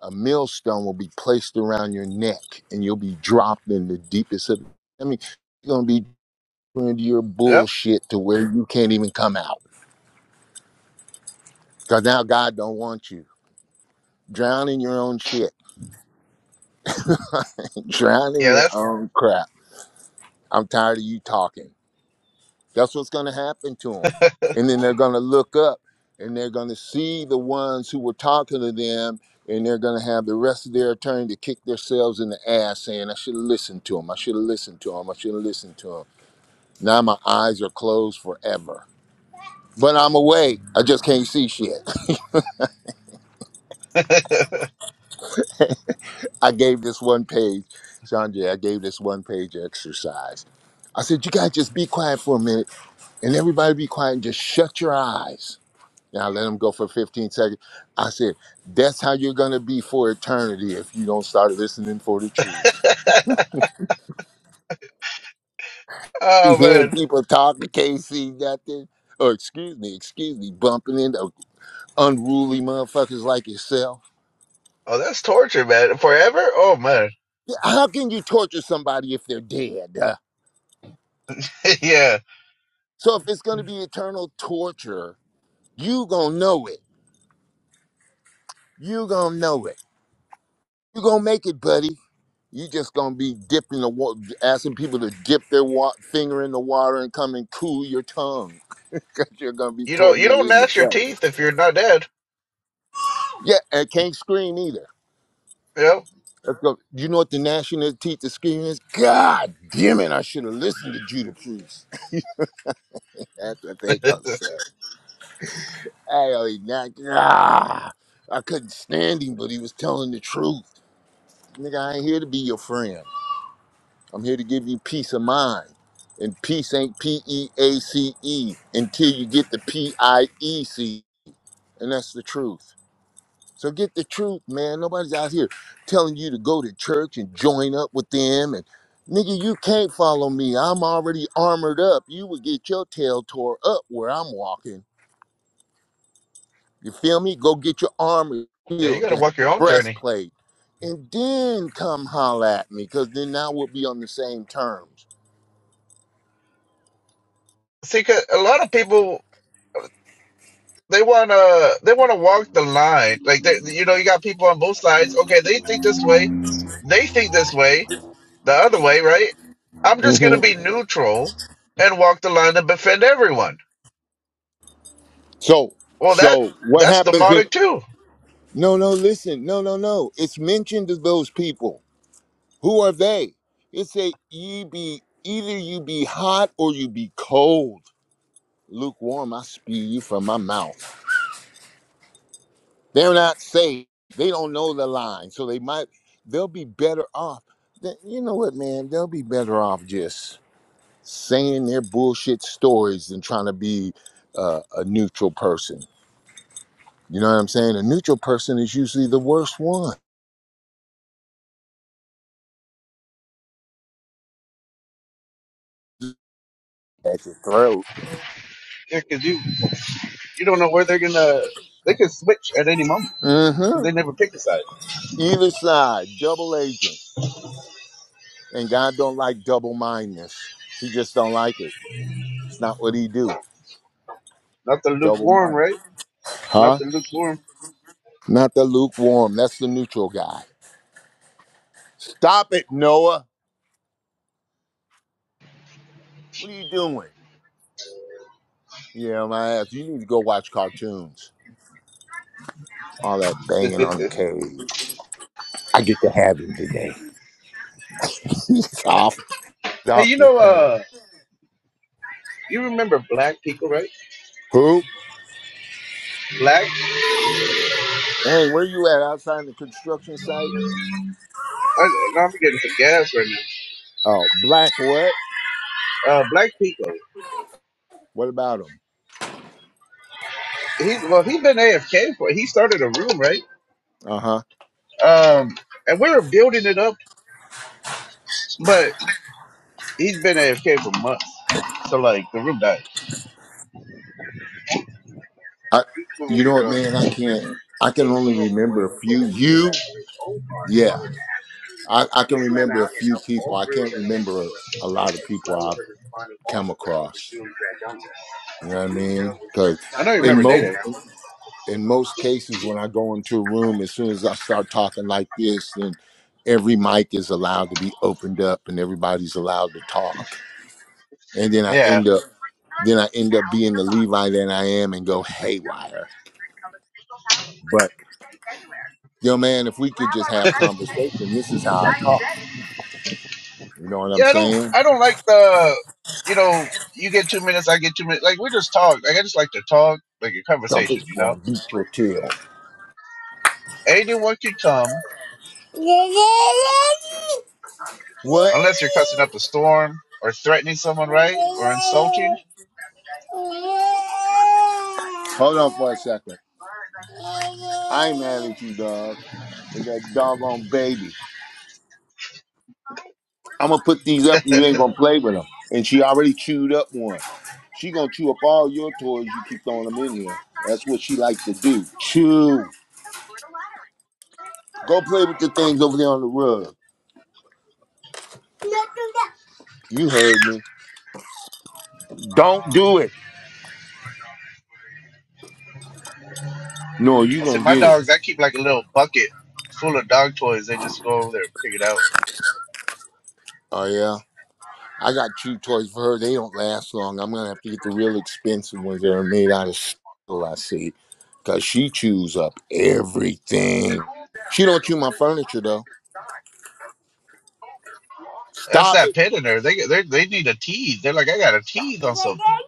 a millstone will be placed around your neck and you'll be dropped in the deepest of I mean, you're gonna be into your
Yep.
bullshit to where you can't even come out. Cause now God don't want you. Drown in your own shit. Drown in your
Yeah,
own crap. I'm tired of you talking. That's what's going to happen to them. And then they're going to look up and they're going to see the ones who were talking to them and they're going to have the rest of their attorney to kick themselves in the ass saying, I should have listened to him. I should have listened to him. I should have listened to him. Now my eyes are closed forever. But I'm awake. I just can't see shit.
that's
I gave this one page, Sanjay, I gave this one page exercise. I said, you guys just be quiet for a minute and everybody be quiet and just shut your eyes And I let him go for 15 seconds. I said, that's how you're going to be for eternity if you don't start listening for the truth. Be
Oh
hearing
man.
people talking, KC, nothing. Or excuse me, excuse me, bumping into unruly motherfuckers like yourself.
Oh, that's torture, man. Forever? Oh man.
Yeah, How can you torture somebody if they're dead? Uh,
yeah.
So if it's going to be eternal torture, you going to know it. You going to know it. You going to make it, buddy. You just gonna be dipping the water, asking people to dip their wa- finger in the water and come and cool your tongue. because you're going to be
You don't you don't
tormented in the
gnash your
flesh.
teeth if you're not dead.
Yeah, and can't scream either.
Yep.
Let's go. Do you know what the national teacher scream is? God damn it, I should have listened to Judah Priest. That's what they going to say. Hey, oh, he not, ah, I couldn't stand him, but he was telling the truth. Nigga, I ain't here to be your friend. I'm here to give you peace of mind. And peace ain't P E A C E until you get the P I E C. And that's the truth. So get the truth, man. Nobody's out here telling you to go to church and join up with them. And nigga, you can't follow me. I'm already armored up. You would get your tail tore up where I'm walking. You feel me? Go get your armor
Yeah, you
healed,
gotta
your
walk your own journey.
breastplate, and then come holler at me, because then now we'll be on the same terms.
See, 'cause a lot of people they wanna they wanna walk the line. Like they, you know, you got people on both sides. Okay, they think this way, they think this way. the other way, right? I'm just going to
hmm
be neutral and walk the line and defend everyone.
So,
Well, that
so what
that's
happens in?
demonic too.
No, no, listen, no, no, no. It's mentioned to those people. Who are they? It said, "Ye be either you be hot or you be cold, lukewarm. I spew you from my mouth." They're not saved. They don't know the line, so they might. They'll be better off. Th- You know what, man? They'll be better off just saying their bullshit stories than trying to be uh, a neutral person. You know what I'm saying? A neutral person is usually the worst one at your throat.
Yeah, because you you don't know where they're gonna they can switch at any moment because
Mm-hmm.
they never pick a side.
Either side, double agent. And God don't like double mindedness. He just don't like it. It's not what he do.
Not the
Double
lukewarm,
minded.
right? Not
Huh?
the lukewarm.
Not the lukewarm. That's the neutral guy. Stop it, Noah. What are you doing? Yeah, my ass. You need to go watch cartoons. All that banging on the cave. I get to have him today. He's off.
Hey,
Off
you
the
know,
thing.
uh, you remember Black Pico, right?
Who?
Black.
Hey, where you at? Outside the construction site?
I, I'm getting some gas right
Oh, black what?
now. Uh, Black Pico.
What about him?
He's well, he's been AFK for. He started a room, right?
Uh huh.
Um, and we were building it up, but. He's been AFK for months. So like the room died.
I, you know what, man? I can't. I can only remember a few. You, yeah. I, I can remember a few people. I can't remember a, lot of people I've come across. You know what I mean? Because
I don't
in
remember Day Day.
most in most cases, when I go into a room, as soon as I start talking like this, then every mic is allowed to be opened up and everybody's allowed to talk. And then I
Yeah.
end up then I end up being the Levite that I am and go haywire. But yo man, if we could just have conversation, this is how I talk. You know what I'm
yeah, I don't
saying?
I don't like the you know, you get two minutes, I get two minutes. Like we just talk. Like I just like to talk, like a
Something
conversation, you
for a
know?
beat your tail.
Anyone can come
What?
unless you're cussing up a storm or threatening someone, right? Or insulting.
Hold on for a second. I ain't mad at you, dog. It's that doggone baby. I'm gonna put these up and you ain't gonna play with them. And she already chewed up one. She gonna chew up all your toys you keep throwing them in here. That's what she like to do. Chew. Go play with the things over there on the rug. You heard me. Don't do it. No, you
I said
gonna
my
get it.
dogs I keep like a little bucket full of dog toys, they just go over there and pick it out.
Oh yeah. I got two toys for her. They don't last long. I'm gonna have to get the real expensive ones that are made out of steel. I see, cause she chews up everything. She don't chew my furniture though.
That's
Stop
that
it.
pet in there. They they they need a tease. They're like, I got a
Stop
tease on
it.
something.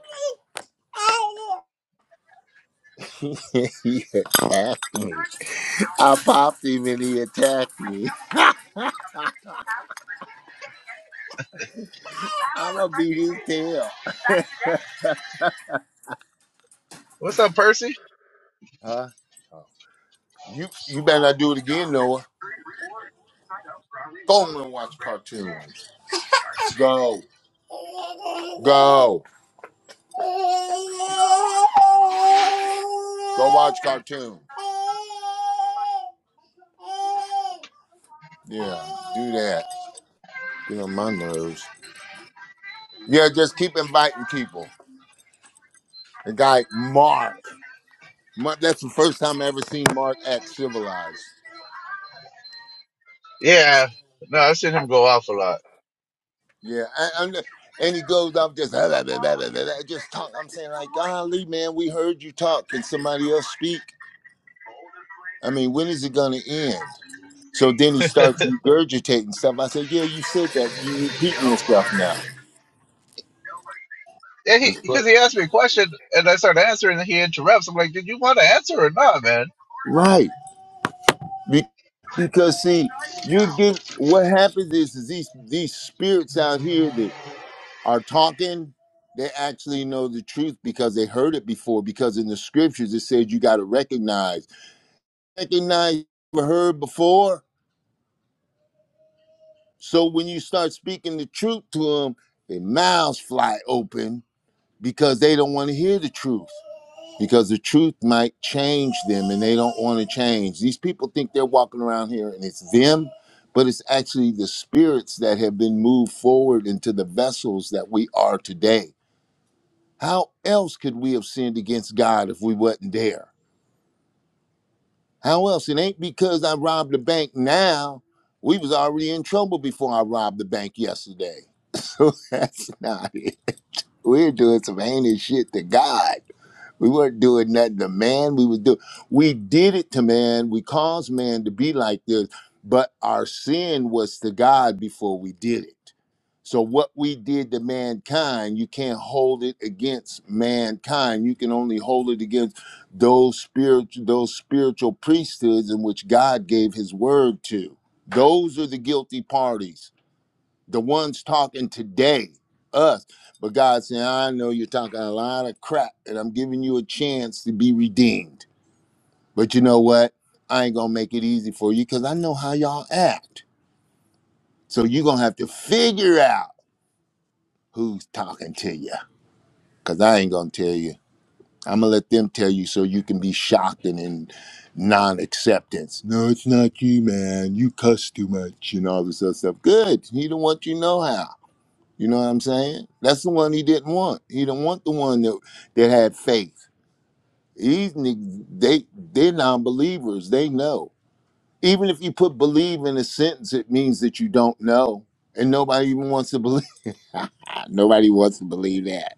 he attacked me. I popped him and he attacked me. I'ma beat his tail.
What's up, Percy?
Huh? Oh. You you better not do it again, Noah. Go on and watch cartoons. Go. Go. Go watch cartoons. Yeah, do that. Get on my nerves. Yeah, just keep inviting people. The guy Mark. Mark that's the first time I ever seen Mark act civilized.
Yeah. No, I've seen him go off a lot.
Yeah, I, I'm just- and he goes off just "Ah, blah, blah, blah, blah, blah, blah," just talk. I'm saying like, golly, man, we heard you talk. Can somebody else speak? I mean, when is it gonna end? So then he starts regurgitating stuff. I said, yeah, you said that. You're repeating yourself now.
Yeah, he
That's cor-
because he asked me a question and I started answering and he interrupts. I'm like, did you want to answer or not, man?
right. Be- because see, you get what happens is, is these these spirits out here that are talking. They actually know the truth because they heard it before. Because in the scriptures it says you got to recognize Anything I never heard before. So when you start speaking the truth to them, their mouths fly open because they don't want to hear the truth. Because the truth might change them and they don't want to change. These people think they're walking around here and it's them, but it's actually the spirits that have been moved forward into the vessels that we are today. How else could we have sinned against God if we wasn't there? How else? It ain't because I robbed the bank now. We was already in trouble before I robbed the bank yesterday. So that's not it. We're doing some heinous shit to God. We weren't doing nothing to man. We was do. We did it to man. We caused man to be like this, but our sin was to God before we did it. So what we did to mankind, you can't hold it against mankind. You can only hold it against those spiritual those spiritual priesthoods in which God gave His word to. Those are the guilty parties the ones talking today, us. But God saying, I know you're talking a lot of crap, and I'm giving you a chance to be redeemed. But you know what? I ain't gonna make it easy for you because I know how y'all act. So you're gonna have to figure out who's talking to you. Cause I ain't gonna tell you. I'm gonna let them tell you so you can be shocked and in non-acceptance. No, it's not you, man. You cuss too much and all this other stuff. Good. He don't want you know how. You know what I'm saying? That's the one he didn't want. He didn't want the one that that had faith. These niggas, they they're non-believers. They know. Even if you put believe in a sentence, it means that you don't know, and nobody even wants to believe. Nobody wants to believe that.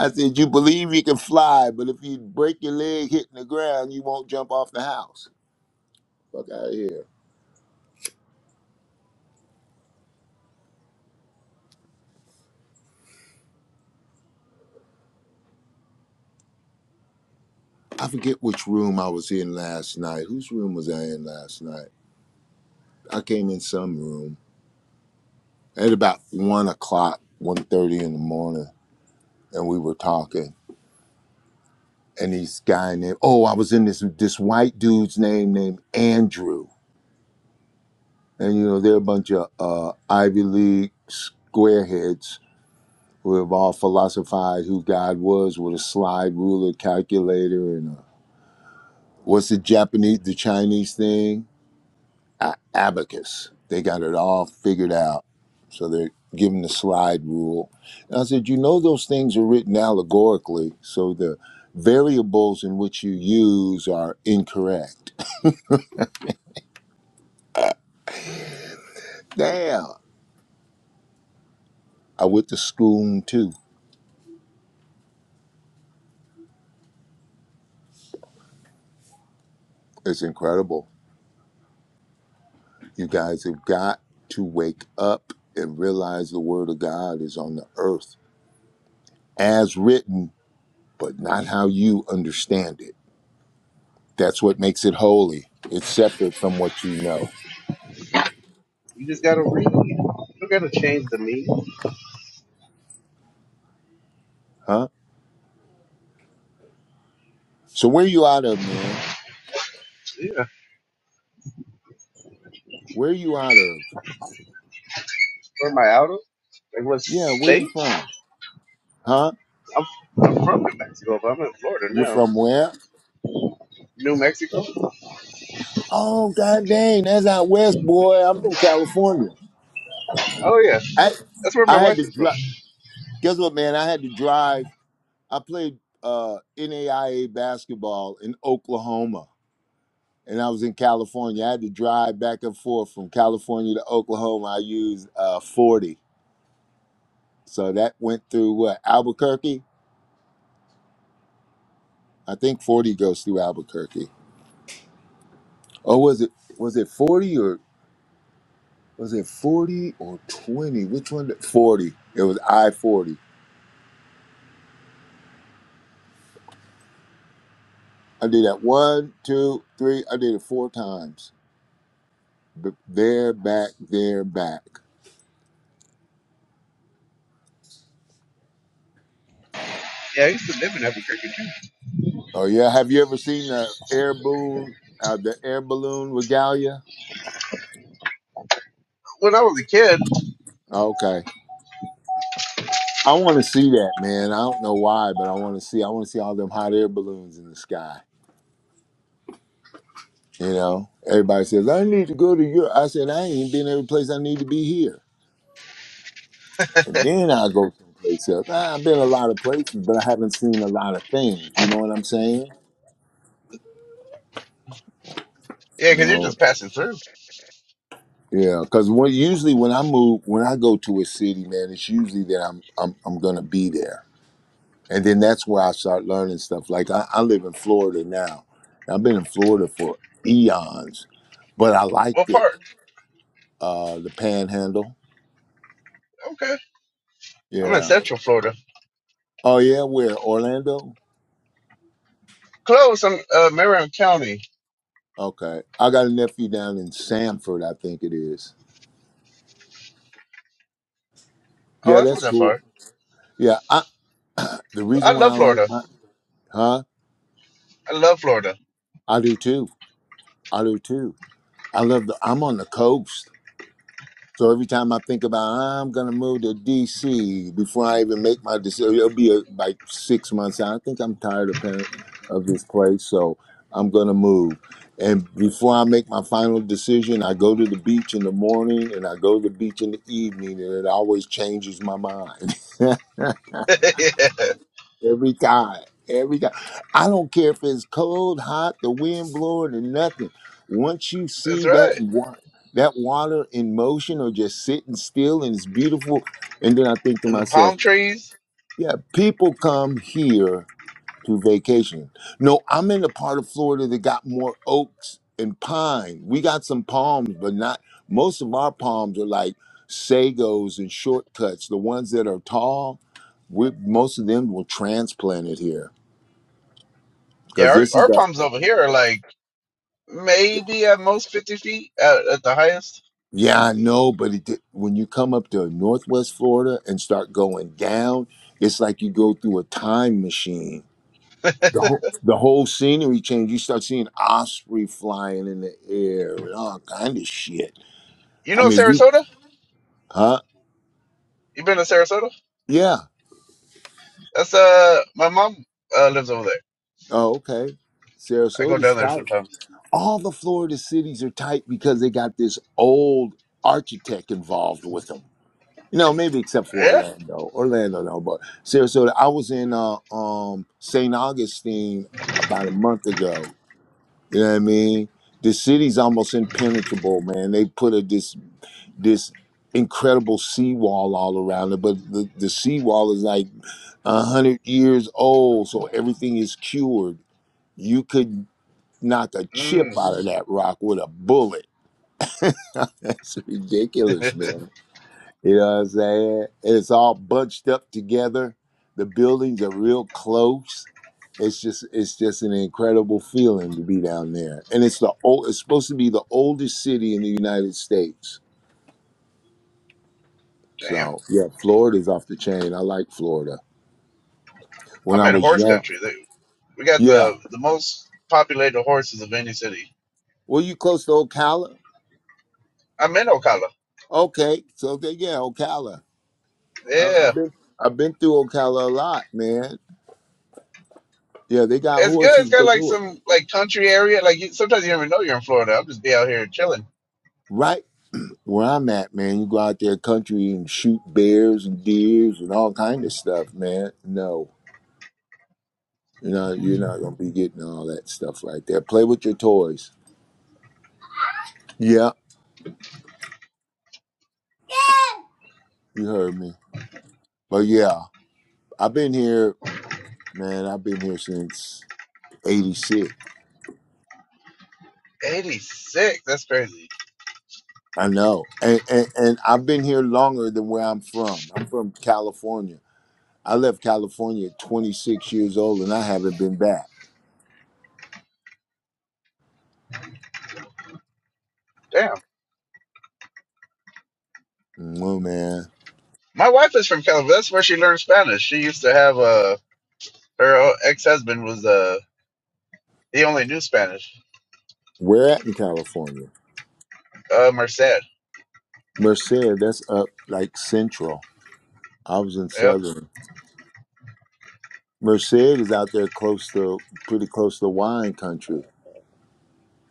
I said you believe you can fly, but if you break your leg hitting the ground, you won't jump off the house. Fuck out of here. I forget which room I was in last night. Whose room was I in last night? I came in some room at about one o'clock, one thirty in the morning, and we were talking. And this guy named oh, I was in this this white dude's name named Andrew, and you know they're a bunch of uh, Ivy League squareheads who have all philosophized who God was with a slide ruler calculator and a, what's the Japanese the Chinese thing A- abacus. They got it all figured out. So they're given the slide rule. And I said, you know, those things are written allegorically. So the variables in which you use are incorrect. Damn. I went to school too. It's incredible. You guys have got to wake up and realize the word of God is on the earth as written, but not how you understand it. That's what makes it holy. It's separate from what you know. Huh? So where you out of, man?
Yeah.
Where you out of?
Where am I out of? Like what
Yeah, where you
state?
from? Huh?
I'm, I'm from New Mexico, but I'm in Florida
You're
now.
from where?
New Mexico?
Oh, god dang, that's out west, boy. I'm from California.
Oh yeah.
I
That's where my
I had
wife
to
is from.
drive. Guess what, man? I had to drive. I played uh, NAIA basketball in Oklahoma, and I was in California. I had to drive back and forth from California to Oklahoma. I used uh, 40, so that went through what Albuquerque. I think 40 goes through Albuquerque. Or was it was it 40 or was it 40 or 20? Which one? did- 40. It was I 40. I did that one, two, three. I did it four times. B- There, back, there, back.
Yeah, I used to live in Albuquerque. too.
Oh, yeah. Have you ever seen the air balloon, uh, the air balloon regalia?
When I was a kid.
Okay. I want to see that, man. I don't know why, but I want to see. I want to see all them hot air balloons in the sky. You know, everybody says, I need to go to Europe. I said, I ain't been every place I need to be here. and then I'll go someplace else. Nah, I've been a lot of places, but I haven't seen a lot of things. You know what I'm saying?
Yeah, because you're
No,
just passing through.
yeah, because when, usually when I move, when I go to a city, man, it's usually that I'm I'm I'm gonna be there, and then that's where I start learning stuff. Like I, I live in Florida now. I've been in Florida for eons, but I liked
What
it.
part?
Uh, the Panhandle,
Okay. I'm in
yeah.
Central Florida.
Oh yeah, where Orlando?
Close. I'm uh, Marion County.
Okay, I got a nephew down in Sanford, I think it is.
Oh,
Yeah,
that's not
that's
that
cool.
far.
Yeah, I, The
I
reason why I
love
like
Florida.
my huh?
I love Florida.
I do too. I do too. I love the I'm on the coast. So every time I think about I'm gonna move to DC before I even make my decision, it'll be uh like six months out. I think I'm tired of pen- of this place, so I'm gonna move. And before I make my final decision, I go to the beach in the morning and I go to the beach in the evening, and it always changes my mind.
yeah, that's
Every time. Every time. I don't care if it's cold, hot, the wind blowing, or nothing. Once you see
right.
that water, that water in motion or just sitting still and it's beautiful, and then I think to
And the
myself,
palm trees.
yeah, people come here to vacation. No, I'm in the part of Florida that got more oaks and pine. We got some palms, but not most of our palms are like sagos and shortcuts, the ones that are tall we most of them were transplanted here
Yeah,
because
our,
this is
our
a
palms over here are like maybe at most 50 feet at, at the highest.
yeah i know but it did, when you come up to northwest florida and start going down it's like you go through a time machine the whole the whole scenery change you start seeing osprey flying in the air and all kind of shit
You
i
know
mean we
Sarasota?
huh
You been to Sarasota?
yeah
That's uh, my mom uh, lives over there.
oh okay
I go
sarasota's
down there
tight
sometimes.
all the florida cities are tight because they got this old architect involved with them You know, maybe except for
Yeah.
Orlando. Orlando, no, but Sarasota. I was in uh, um, St. Augustine about a month ago. You know what I mean? The city's almost impenetrable, man. They put a, this this incredible seawall all around it, but the, the seawall is like a hundred years old, so everything is cured. You could knock a chip out of that rock with a bullet. That's ridiculous, man. You know what I'm saying? And it's all bunched up together. The buildings are real close. It's just it's just an incredible feeling to be down there. And it's the old it's supposed to be the oldest city in the United States.
Damn.
So yeah, Florida's off the chain. I like Florida. When
I'm
I
in
was
horse
young.
country. They- We got
Yeah.
the the most populated horses of any city.
Were you close to Ocala?
I'm in Ocala.
Okay. So they, yeah, Ocala. I,
Yeah,
I've been I've been through Ocala a lot, man. Yeah, they got
It's good.
horses
It's got like
galore.
some like country area. Like you, sometimes you never know you're in Florida. I'll just be out here chilling.
Right Where I'm at, man, you go out there country and shoot bears and deers and all kind of stuff, man. No, you know you're not gonna be getting all that stuff right there. Play with your toys. Yeah, you heard me. But yeah, I've been here, man. I've been here since '86.
86. That's crazy.
I know, and, and and I've been here longer than where I'm from. I'm from California. I left California at 26 years old, and I haven't been back.
Damn.
Well, man,
My wife is from California. That's where she learned Spanish. She used to have uh her ex husband was uh he only knew Spanish.
where at in California?
Uh Merced.
Merced, that's up like central. I was in
Yep.
southern. Merced is out there close to pretty close to wine country.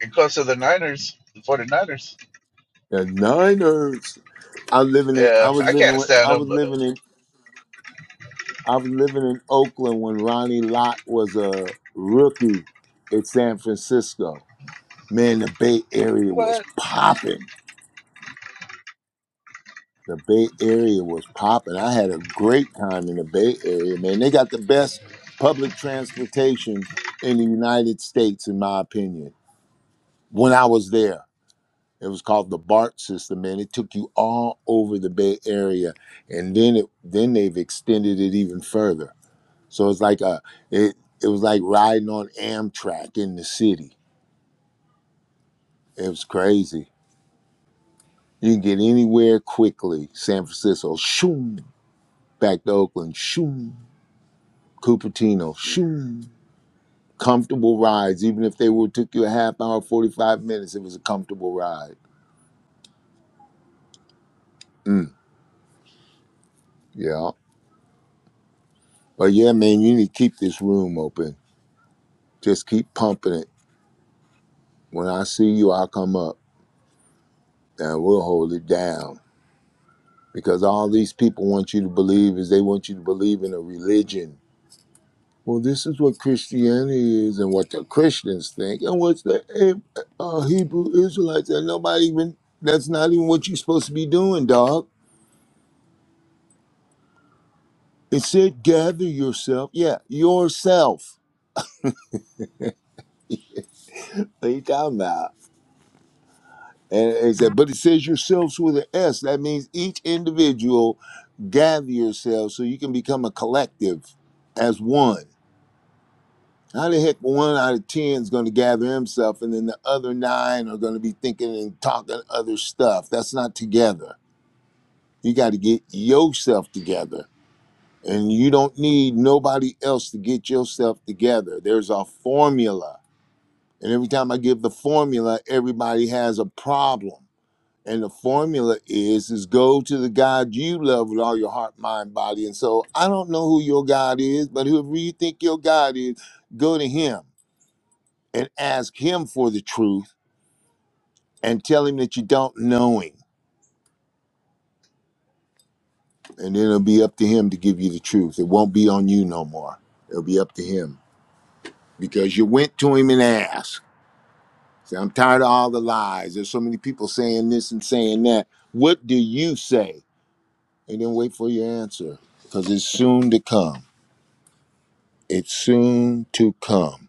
And close to the Niners, the 49ers.
The Niners. I living in I
Yeah,
was
I
living
can't
with,
stand
I
them,
was
but
living in I was living in Oakland when Ronnie Lott was a rookie at San Francisco. Man, the Bay Area was
what?
popping. The Bay Area was popping. I had a great time in the Bay Area, man. They got the best public transportation in the United States, in my opinion. When I was there, it was called the BART system, man. It took you all over the Bay Area, and then it then they've extended it even further. So it's like a it it was like riding on Amtrak in the city. It was crazy. You can get anywhere quickly. San Francisco, shoom, back to Oakland, shoom Cupertino. Shoo. Comfortable rides. Even if they would took you a half hour, 45 minutes, it was a comfortable ride. Mm, yeah. But yeah, man, you need to keep this room open. Just keep pumping it. When I see you, I'll come up and we'll hold it down. Because all these people want you to believe is they want you to believe in a religion. Well, this is what Christianity is and what the Christians think and what the eh, uh, Hebrew Israelites and nobody even, that's not even what you're supposed to be doing, dog. It said, gather yourself. Yeah, yourself. What are you talking about? And it said, but it says yourselves with an S. That means each individual gather yourself so you can become a collective as one. How the heck one out of ten is going to gather himself and then the other nine are going to be thinking and talking other stuff? That's not together. You got to get yourself together. And you don't need nobody else to get yourself together. There's a formula And every time I give the formula, everybody has a problem. And the formula is is go to the God you love with all your heart, mind, body, and soul. I don't know who your God is, but whoever you think your God is, go to him and ask him for the truth and tell him that you don't know him. And it'll be up to him to give you the truth. It won't be on you no more. It'll be up to him. Because you went to him and asked. Say, I'm tired of all the lies. There's so many people saying this and saying that. What do you say? and then wait for your answer because it's soon to come. It's soon to come.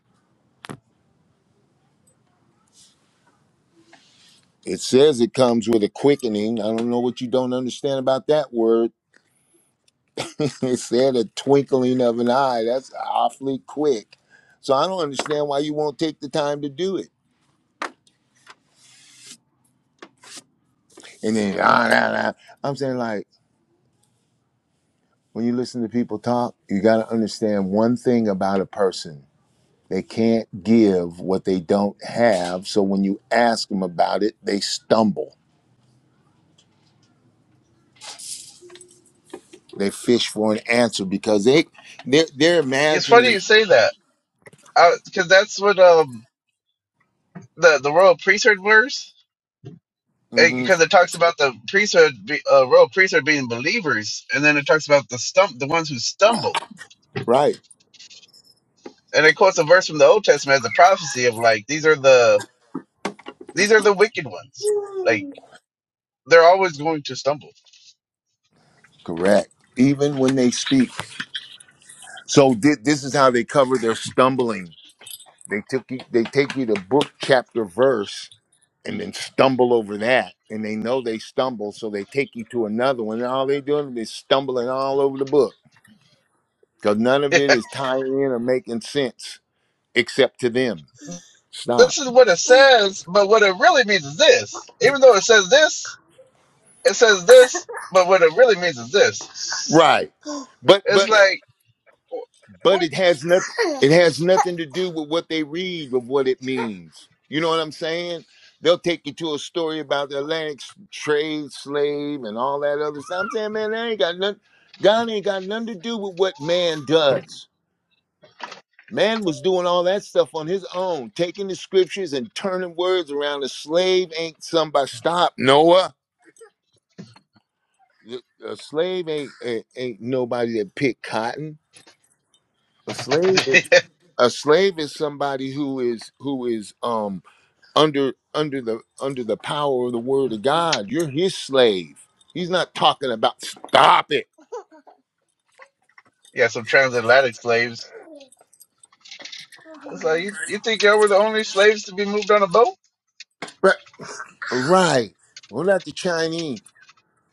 It says it comes with a quickening. I don't know what you don't understand about that word. it said a twinkling of an eye. That's awfully quick. So I don't understand why you won't take the time to do it. And then ah, nah, nah. I'm saying like when you listen to people talk, you got to understand one thing about a person. They can't give what they don't have. So when you ask them about it, they stumble They fish for an answer because they they're, they're
It's funny
imagining.
you say that. Because that's what um the the royal priesthood wears. it,
hmm
because it talks about the priesthood, be- uh, royal priesthood being believers, and then it talks about the stump, the ones who stumble,
right,
and it quotes a verse from the Old Testament as a prophecy of like these are the these are the wicked ones, like they're always going to stumble.
correct. Even when they speak, so thi- this is how they cover their stumbling. They took you, they take you to book chapter verse and then stumble over that, and they know they stumble, so they take you to another one. And all they doing is stumbling all over the book because none of
this
it is tying in or making sense except to them. Stop.
is what it says, but what it really means is this. Even though it says this, it says this, but what it really means is this.
Right, but
It's
but
like wh-
But
what?
it has nothing it has nothing to do with what they read or what it means. You know what I'm saying? They'll take you to a story about the Atlantic trade slave and all that other stuff. I'm saying, man, that ain't got nothing God ain't got nothing to do with what man does. Man was doing all that stuff on his own, taking the scriptures and turning words around. A slave ain't somebody stop, Noah. A slave ain't ain't, ain't nobody that picked cotton. A slave is a slave is somebody who is who is um under under the under the power of the word of god you're his slave he's not talking about stop it
yeah, some transatlantic slaves. It's like you, you think y'all were the only slaves to be moved on a boat?
Right. right we not the chinese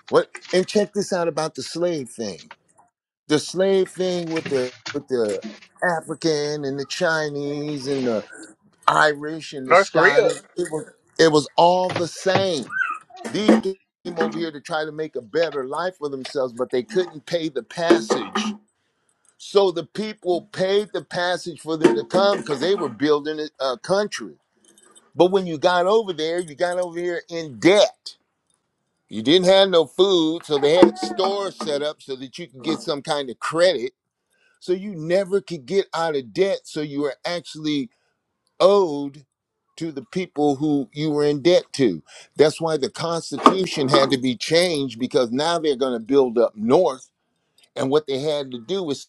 what and check this out about the slave thing the slave thing with the with the african and the chinese and the irish and the
North Korea.
scottish it was it was all the same These came over here to try to make a better life for themselves, but they couldn't pay the passage. So the people paid the passage for them to come because they were building a a country. But when you got over there, you got over here in debt. You didn't have no food, so they had stores set up so that you could get some kind of credit. So you never could get out of debt. So you were actually owed to the people who you were in debt to. That's why the Constitution had to be changed because now they're going to build up north. And what they had to do was,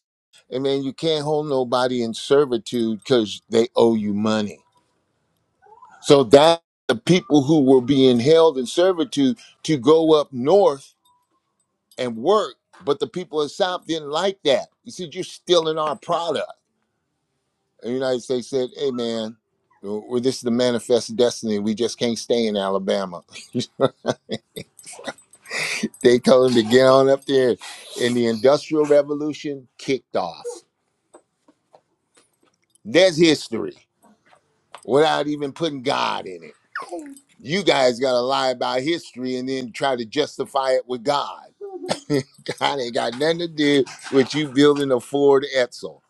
I mean, you can't hold nobody in servitude because they owe you money. So that the people who were being held in servitude to go up north and work, but the people in South didn't like that. He said, You're stealing our product the United States said, "Hey, man, well, this is the manifest destiny. We just can't stay in Alabama." they told him to get on up there, and the Industrial Revolution kicked off. That's history without even putting God in it. You guys got to lie about history and then try to justify it with God. God ain't got nothing to do with you building a Ford Edsel.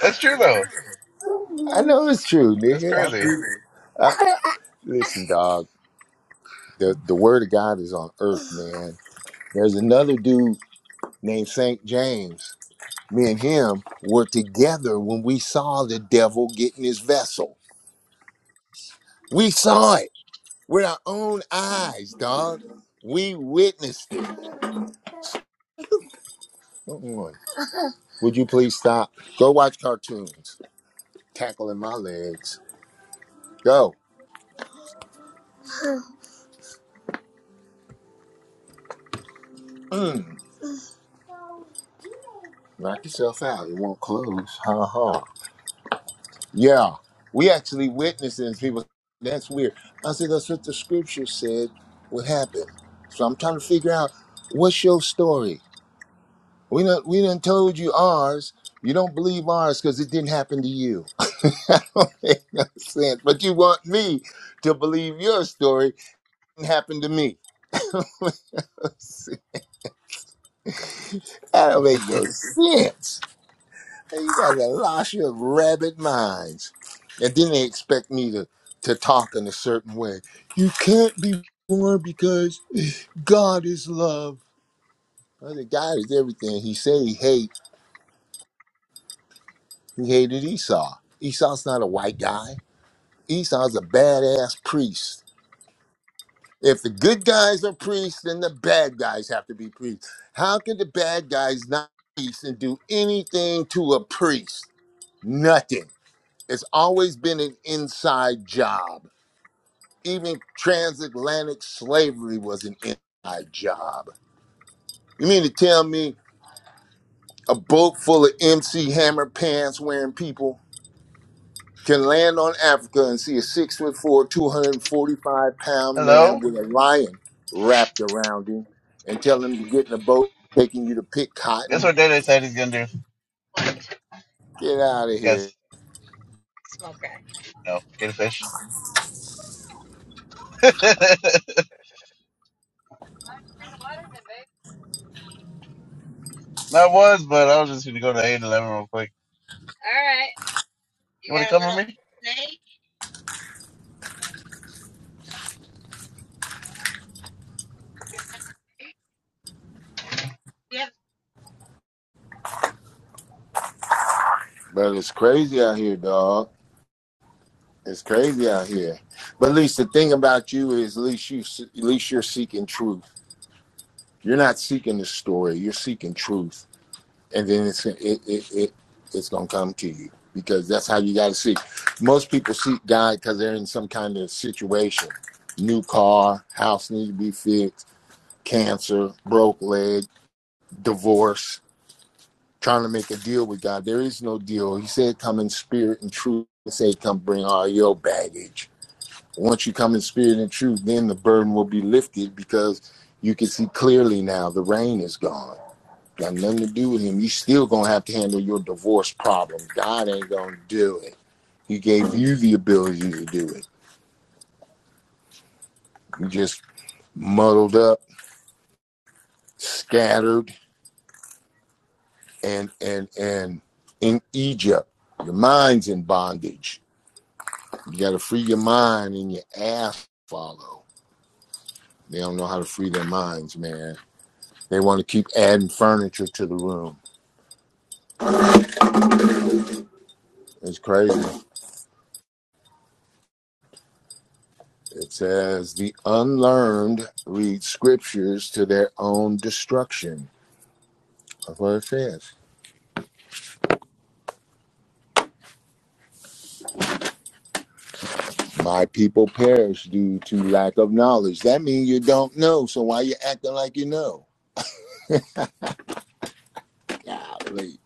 That's true though.
I know it's true,
That's
nigga.
crazy.
I- I- listen, dog. The the word of God is on earth, man. There's another dude named St. James. Me and him were together when we saw the devil getting his vessel. We saw it with our own eyes, dog. We witnessed it. Come on. Would you please stop? Go watch cartoons. Tackling my legs. Go. Mm. Knock yourself out. It won't close. Ha ha. Yeah, we actually witnessing people. That's weird. I said that's what the scripture said would happen. So I'm trying to figure out what's your story. We done we done told you ours. You don't believe ours because it didn't happen to you. I don't make no sense. But you want me to believe your story didn't happen to me. that don't make no sense. Hey, you guys are lost your rabid minds. And then they expect me to, to talk in a certain way. You can't be born because God is love. Well, the God is everything. He said he hate. He hated Esau. Esau's not a white guy. Esau's a badass priest. If the good guys are priests, then the bad guys have to be priests. How can the bad guys not be priests and do anything to a priest? Nothing. It's always been an inside job Even transatlantic slavery was an inside job. You mean to tell me a boat full of MC Hammer pants wearing people can land on Africa and see a six foot four, 245 pound man
Hello.
with a lion wrapped around him and tell him to get in a boat taking you to pick
Guess
cotton?
what Data said he's gonna do?
Get out of here.
Yes. No. Get a fish. I was, but I was just gonna go to eight eleven real quick. You wanna come with me?
But it's crazy out here, dog. It's crazy out here. But at least the thing about you is at least you at least you're seeking truth You're not seeking the story. You're seeking truth, and then it's it it, it it's gonna come to you because that's how you got to seek. Most people seek God because they're in some kind of situation: new car, house needs to be fixed, cancer, broke leg, divorce. Trying to make a deal with God. There is no deal. He said, "Come in spirit and truth." He said, "Come bring all your baggage." Once you come in spirit and truth, then the burden will be lifted because you can see clearly now. The rain is gone Got nothing to do with him. You still gonna have to handle your divorce problem. God ain't gonna do it. He gave you the ability to do it. You just muddled up, scattered, and and and in Egypt. Your mind's in bondage. You gotta free your mind and your ass follow. They don't know how to free their minds, man. They want to keep adding furniture to the room. It's crazy. It says the unlearned read scriptures to their own destruction That's what it says. My people perish due to lack of knowledge. That means you don't know. So why you acting like you know? Golly,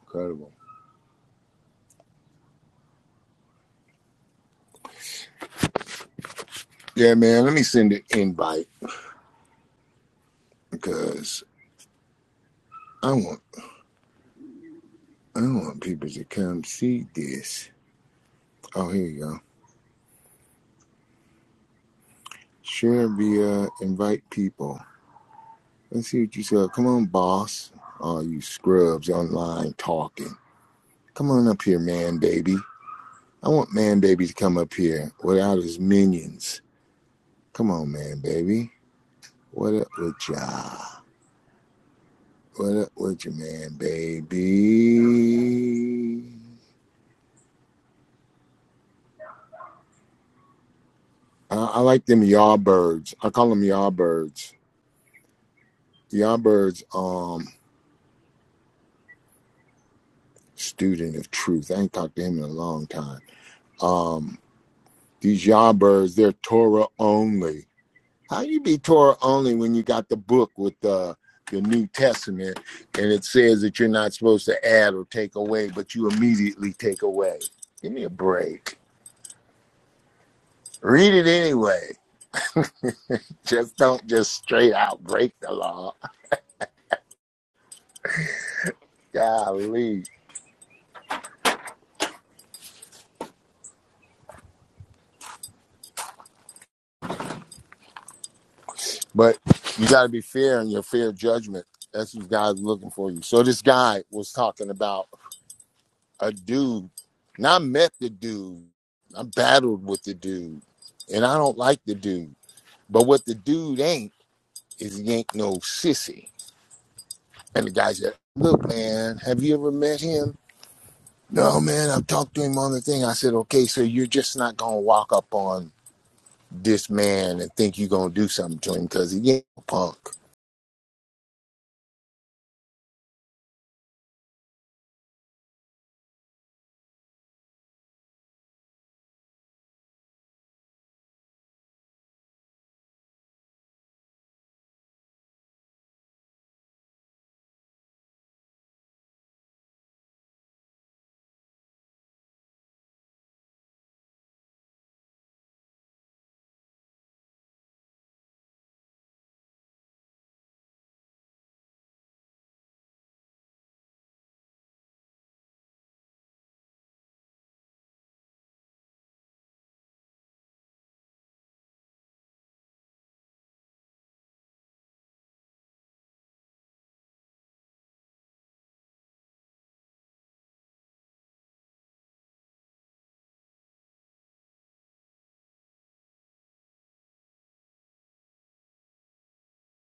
incredible. Yeah, man. Let me send an invite because I want I want people to come see this. Oh, here you go. Share via invite people. Let's see what you said. Come on, boss. All you scrubs online talking. Come on up here, man, baby. I want man, baby to come up here without his minions. Come on, man, baby. What up with y'all? What up with you, man, baby? I, I like them yardbirds. I call them yardbirds. Yardbirds, um, student of truth. I ain't talked to him in a long time. Um, these yardbirds, they're Torah only. How you be Torah only when you got the book with the the New Testament and it says that you're not supposed to add or take away, but you immediately take away? Give me a break. Read it anyway. Just don't just straight out break the law. Golly. But you got to be fair in your fair judgment. That's what God's looking for you. So this guy was talking about a dude, and I met the dude. I battled with the dude, and I don't like the dude. But what the dude ain't is he ain't no sissy. And the guy said, Look, man, have you ever met him? No, man, I've talked to him on the thing. I said, Okay, so you're just not going to walk up on this man and think you gonna do something to him because he ain't a punk.